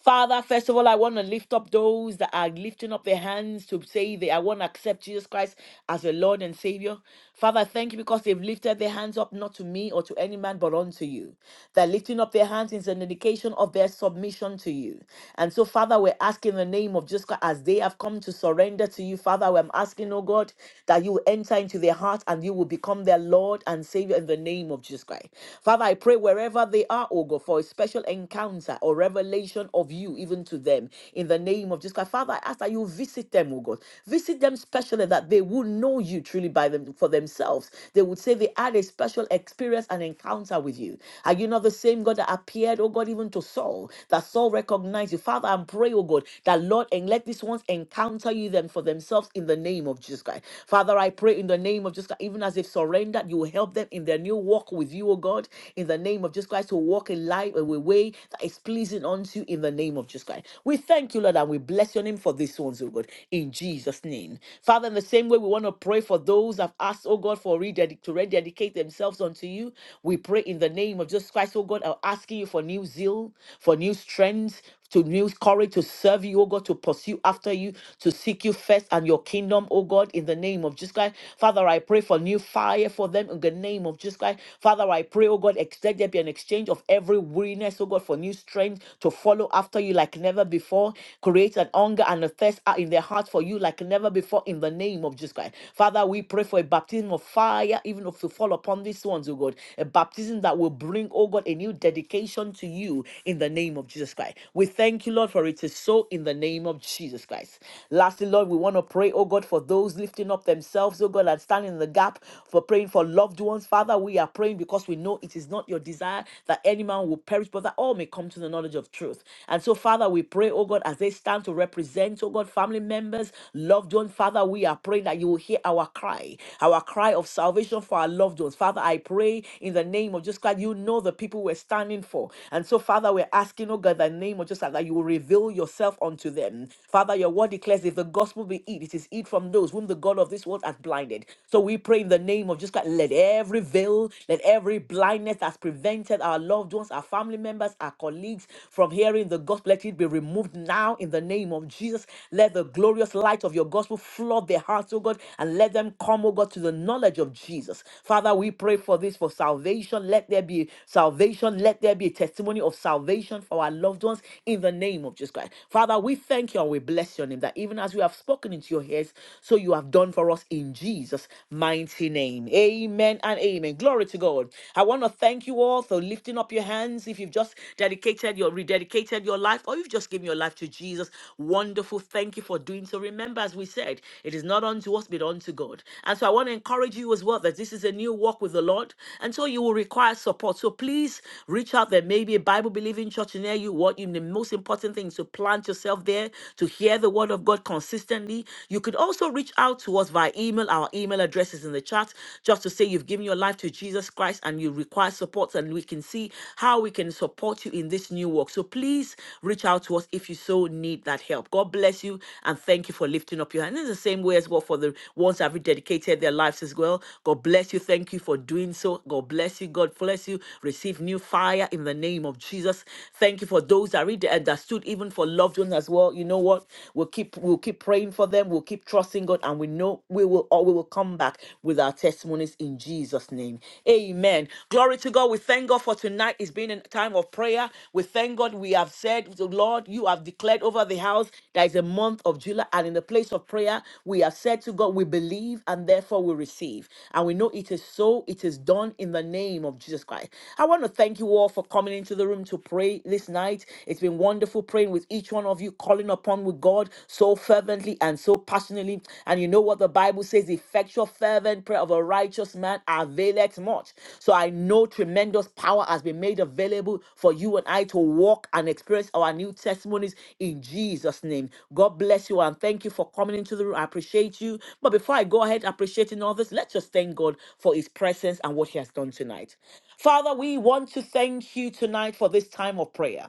B: Father, first of all, I want to lift up those that are lifting up their hands to say they I want to accept Jesus Christ as a Lord and Savior. Father, I thank you because they've lifted their hands up not to me or to any man but unto you. That lifting up their hands is an indication of their submission to you. And so, Father, we're asking in the name of Jesus Christ as they have come to surrender to you, Father, I'm asking, oh God, that you will enter into their heart and you will become their Lord and Savior in the name of Jesus Christ. Father, I pray wherever they are, oh God, for a special encounter or revelation of you even to them in the name of Jesus Christ. Father, I ask that you visit them, oh God. Visit them specially that they will know you truly by them for themselves. They would say they had a special experience and encounter with you. Are you not the same God that appeared, oh God, even to Saul? That Saul recognized you. Father, and pray, oh God, that Lord, and let these ones encounter you them for themselves in the name of Jesus Christ. Father, I pray in the name of Jesus Christ, even as they've surrendered, you will help them in their new walk with you, oh God, in the name of Jesus Christ, to walk in life, a way, way that is pleasing unto you in the name of Jesus Christ. We thank you, Lord, and we bless your name for this ones, oh God, in Jesus' name. Father, in the same way, we want to pray for those that have asked, oh God, for rededic- to rededicate themselves unto you. We pray in the name of Jesus Christ, oh God, I'm asking you for new zeal, for new strength, to new courage to serve you, oh God, to pursue after you, to seek you first and your kingdom, oh God, in the name of Jesus Christ. Father, I pray for new fire for them in the name of Jesus Christ. Father, I pray, oh God, ex- let there be an exchange of every weariness, oh God, for new strength to follow after you like never before. Create an hunger and a thirst out in their hearts for you like never before in the name of Jesus Christ. Father, we pray for a baptism of fire, even if to fall upon these ones, oh God. A baptism that will bring, oh God, a new dedication unto you in the name of Jesus Christ. We thank you, Lord, for it is so in the name of Jesus Christ. Lastly, Lord, we want to pray, oh God, for those lifting up themselves, oh God, and standing in the gap for praying for loved ones. Father, we are praying because we know it is not your desire that any man will perish, but that all may come to the knowledge of truth. And so, Father, we pray, oh God, as they stand to represent, oh God, family members, loved ones, Father, we are praying that you will hear our cry, our cry of salvation for our loved ones. Father, I pray in the name of of Jesus Christ, you know the people we're standing for. And so, Father, we're asking, oh God, the name of Jesus Christ, that you will reveal yourself unto them. Father, your word declares if the gospel be hid, it is hid from those whom the God of this world has blinded. So we pray in the name of Jesus Christ, let every veil, let every blindness that's prevented our loved ones, our family members, our colleagues from hearing the gospel, let it be removed now in the name of Jesus. Let the glorious light of your gospel flood their hearts, oh God, and let them come, oh God, to the knowledge of Jesus. Father, we pray for this for salvation. Let there be salvation. Let there be a testimony of salvation for our loved ones in the name of Jesus Christ. Father, we thank you and we bless your name that even as we have spoken into your ears, so you have done for us in Jesus' mighty name. Amen and amen. Glory to God. I want to thank you all for lifting up your hands. If you've just dedicated your rededicated your life, or you've just given your life to Jesus, wonderful. Thank you for doing so. Remember, as we said, it is not unto us, but unto God. God. And so I want to encourage you as well that this is a new walk with the Lord. And so you will require support. So please reach out. There may be a Bible believing church near you. What you, the most important thing is to plant yourself there to hear the word of God consistently. You could also reach out to us via email. Our email address is in the chat just to say you've given your life to Jesus Christ and you require support, and we can see how we can support you in this new work. So please reach out to us if you so need that help. God bless you and thank you for lifting lifting up your hand. In the same way as well for the ones that have dedicated their lives as well. God bless you. Thank you for doing so. God bless you. God bless you. Receive new fire in the name of Jesus. Thank you for those that read and that stood even for loved ones as well. You know what? We'll keep we'll keep praying for them. We'll keep trusting God, and we know we will all we will come back with our testimonies in Jesus' name. Amen. Glory to God. We thank God for tonight. It's been a time of prayer. We thank God. We have said, the Lord, you have declared over the the house. There is a month of July, and in the place of prayer, we have said to God, We believe, and therefore we receive. And we know it is so, it is done in the name of Jesus Christ. I want to thank you all for coming into the room to pray this night. It's been wonderful praying with each one of you, calling upon with God so fervently and so passionately. And you know what the Bible says the effectual, fervent prayer of a righteous man availeth much. So I know tremendous power has been made available for you and I to walk and and experience our new testimonies in Jesus' name. God bless you and thank you for coming into the room. I appreciate you. But before I go ahead appreciating all this, let's just thank God for his presence and what he has done tonight. Father, we want to thank you tonight for this time of prayer.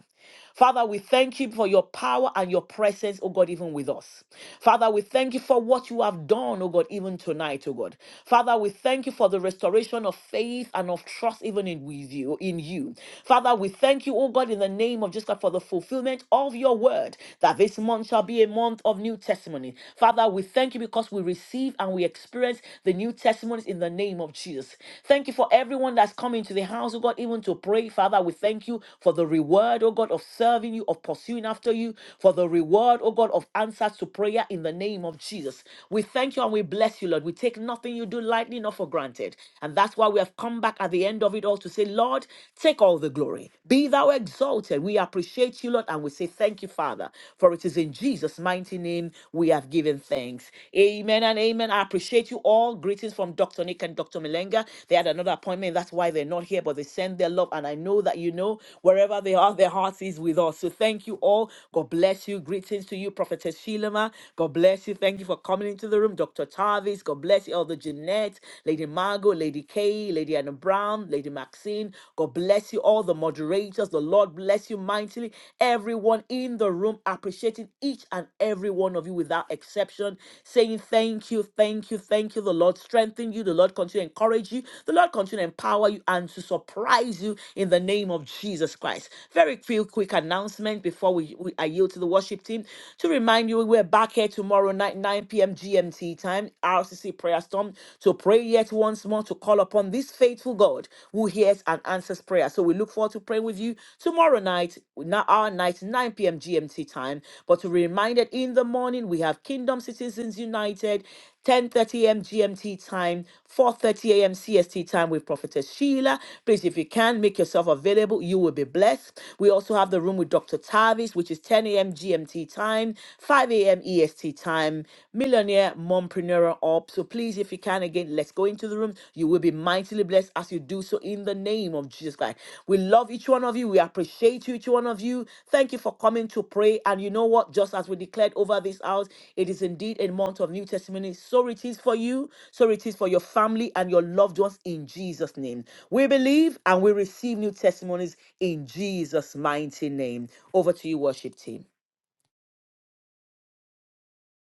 B: Father, we thank you for your power and your presence, oh God, even with us. Father, we thank you for what you have done, oh God, even tonight, oh God. Father, we thank you for the restoration of faith and of trust, even in with you, in you. Father, we thank you, oh God, in the name of Jesus Christ for the fulfillment of your word, that this month shall be a month of new testimony. Father, we thank you because we receive and we experience the new testimonies in the name of Jesus. Thank you for everyone that's coming to the house, oh God, even to pray. Father, we thank you for the reward, oh God, of serving you, of pursuing after you, for the reward, oh God, of answers to prayer in the name of Jesus. We thank you and we bless you, Lord. We take nothing you do lightly, not for granted. And that's why we have come back as at the end of it all to say, Lord, take all the glory. Be thou exalted. We appreciate you, Lord, and we say thank you, Father, for it is in Jesus' mighty name we have given thanks. Amen and amen. I appreciate you all. Greetings from Dr. Nick and Dr. Melenga. They had another appointment. That's why they're not here, but they send their love. And I know that you know wherever they are, their hearts is with us. So thank you all. God bless you. Greetings to you, Prophetess Shilama. God bless you. Thank you for coming into the room. Dr. Tarvis, God bless you. Elder Jeanette, Lady Margot, Lady Kay, Lady Anna Brown, Lady Maxine. God bless you, all the moderators. The Lord bless you mightily. Everyone in the room, appreciating each and every one of you without exception, saying thank you, thank you, thank you. The Lord strengthen you. The Lord continue to encourage you. The Lord continue to empower you and to surprise you in the name of Jesus Christ. Very few quick announcement before we, we I yield to the worship team to remind you we're back here tomorrow night, 9 p.m. GMT time time, RCC Prayer Storm, to pray yet once more to call upon this faithful God who hears and answers prayer. So we look forward to praying with you tomorrow night, na- our night, 9 p.m. GMT time. But to be reminded, in the morning, we have Kingdom Citizens United, 10.30 a.m. GMT time, 4.30 a.m. CST time with Prophetess Sheila. Please, if you can, make yourself available. You will be blessed. We also have the room with Dr. Tavis, which is 10 a.m. GMT time, 5 a.m. EST time. Millionaire Mompreneur up. So please, if you can, again, let's go into the room. You will be mightily blessed as you do so in the name of Jesus Christ. We love each one of you. We appreciate you, each one of you. Thank you for coming to pray. And you know what? Just as we declared over this house, it is indeed a month of new testimony. So it is for you. So it is for your family and your loved ones in Jesus' name. We believe and we receive new testimonies in Jesus' mighty name. Over to you, worship team.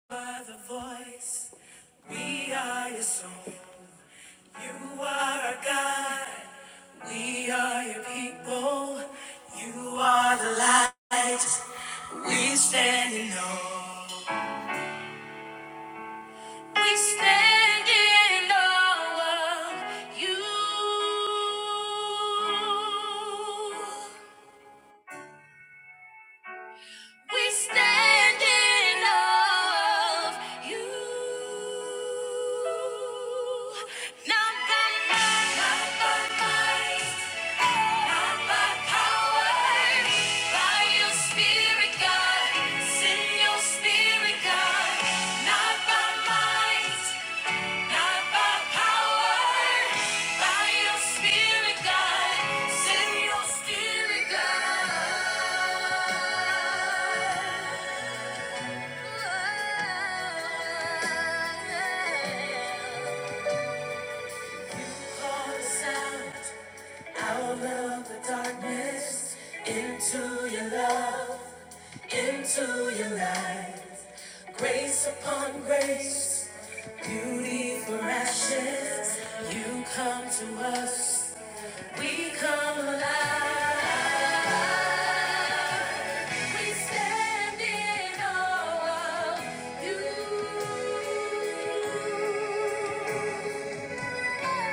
A: By the voice, we are your song. You are our God. We are your people. You are the light. We stand in awe. We stand in awe of you. We stand in awe of you. Not by might, not by might, not by power. By your Spirit, God. Send your Spirit, God. Not by might. Not by power, by your spirit, God. Send your spirit, God. Call us out, out of the darkness, into your love, into your light. Grace upon grace, beauty for ashes, you come to us. We come alive. We stand in awe of you. Spirit.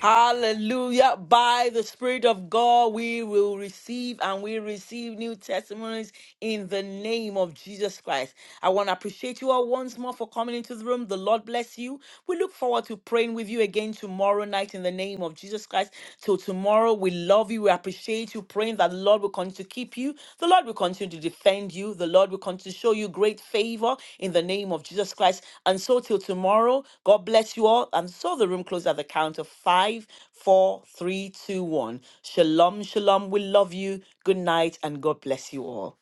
B: Hallelujah. By the Spirit of God, we will receive and we receive new testimonies in the name of Jesus Christ. I want to appreciate you all once more for coming into the room. The Lord bless you. We look forward to praying with you again tomorrow night in the name of Jesus Christ. Till tomorrow, we love you. We appreciate you. Praying that the Lord will continue to keep you. The Lord will continue to defend you. The Lord will continue to show you great favor in the name of Jesus Christ. And so till tomorrow, God bless you all. And so the room closes at the count of five, four, three, two, one. Shalom, shalom. We love you. Good night, and God bless you all.